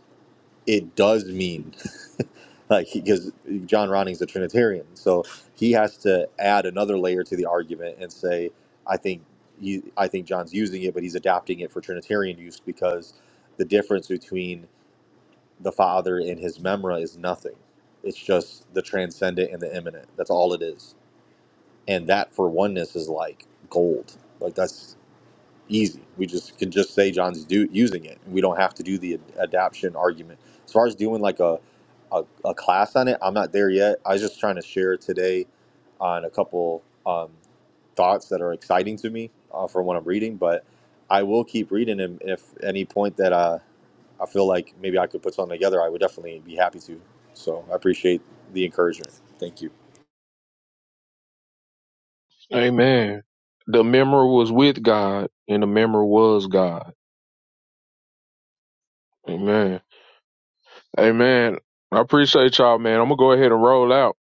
it does mean like because John Ronning's a Trinitarian, so he has to add another layer to the argument and say, I think he, I think John's using it, but he's adapting it for Trinitarian use because the difference between the Father and his memra is nothing. It's just the transcendent and the immanent. That's all it is and that for oneness is like gold. Like that's easy. We just can just say John's do, using it, and we don't have to do the ad- adaption argument. As far as doing like a, a a class on it, I'm not there yet. I was just trying to share today on a couple um, thoughts that are exciting to me uh, from what I'm reading, but I will keep reading and If any point that uh, I feel like maybe I could put something together, I would definitely be happy to. So I appreciate the encouragement. Thank you. Amen. The memory was with God, and the memory was God. Amen. Amen. I appreciate y'all, man. I'm gonna go ahead and roll out.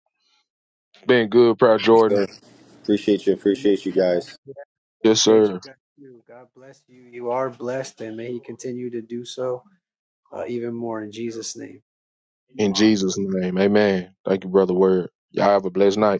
Been good, proud Jordan. Sure. Appreciate you. Amen. Appreciate you guys. Yes, Appreciate sir. you. God bless you. You are blessed, and may He continue to do so uh, even more in Jesus' name. In Jesus' name. Amen. Thank you, Brother Word. Y'all have a blessed night.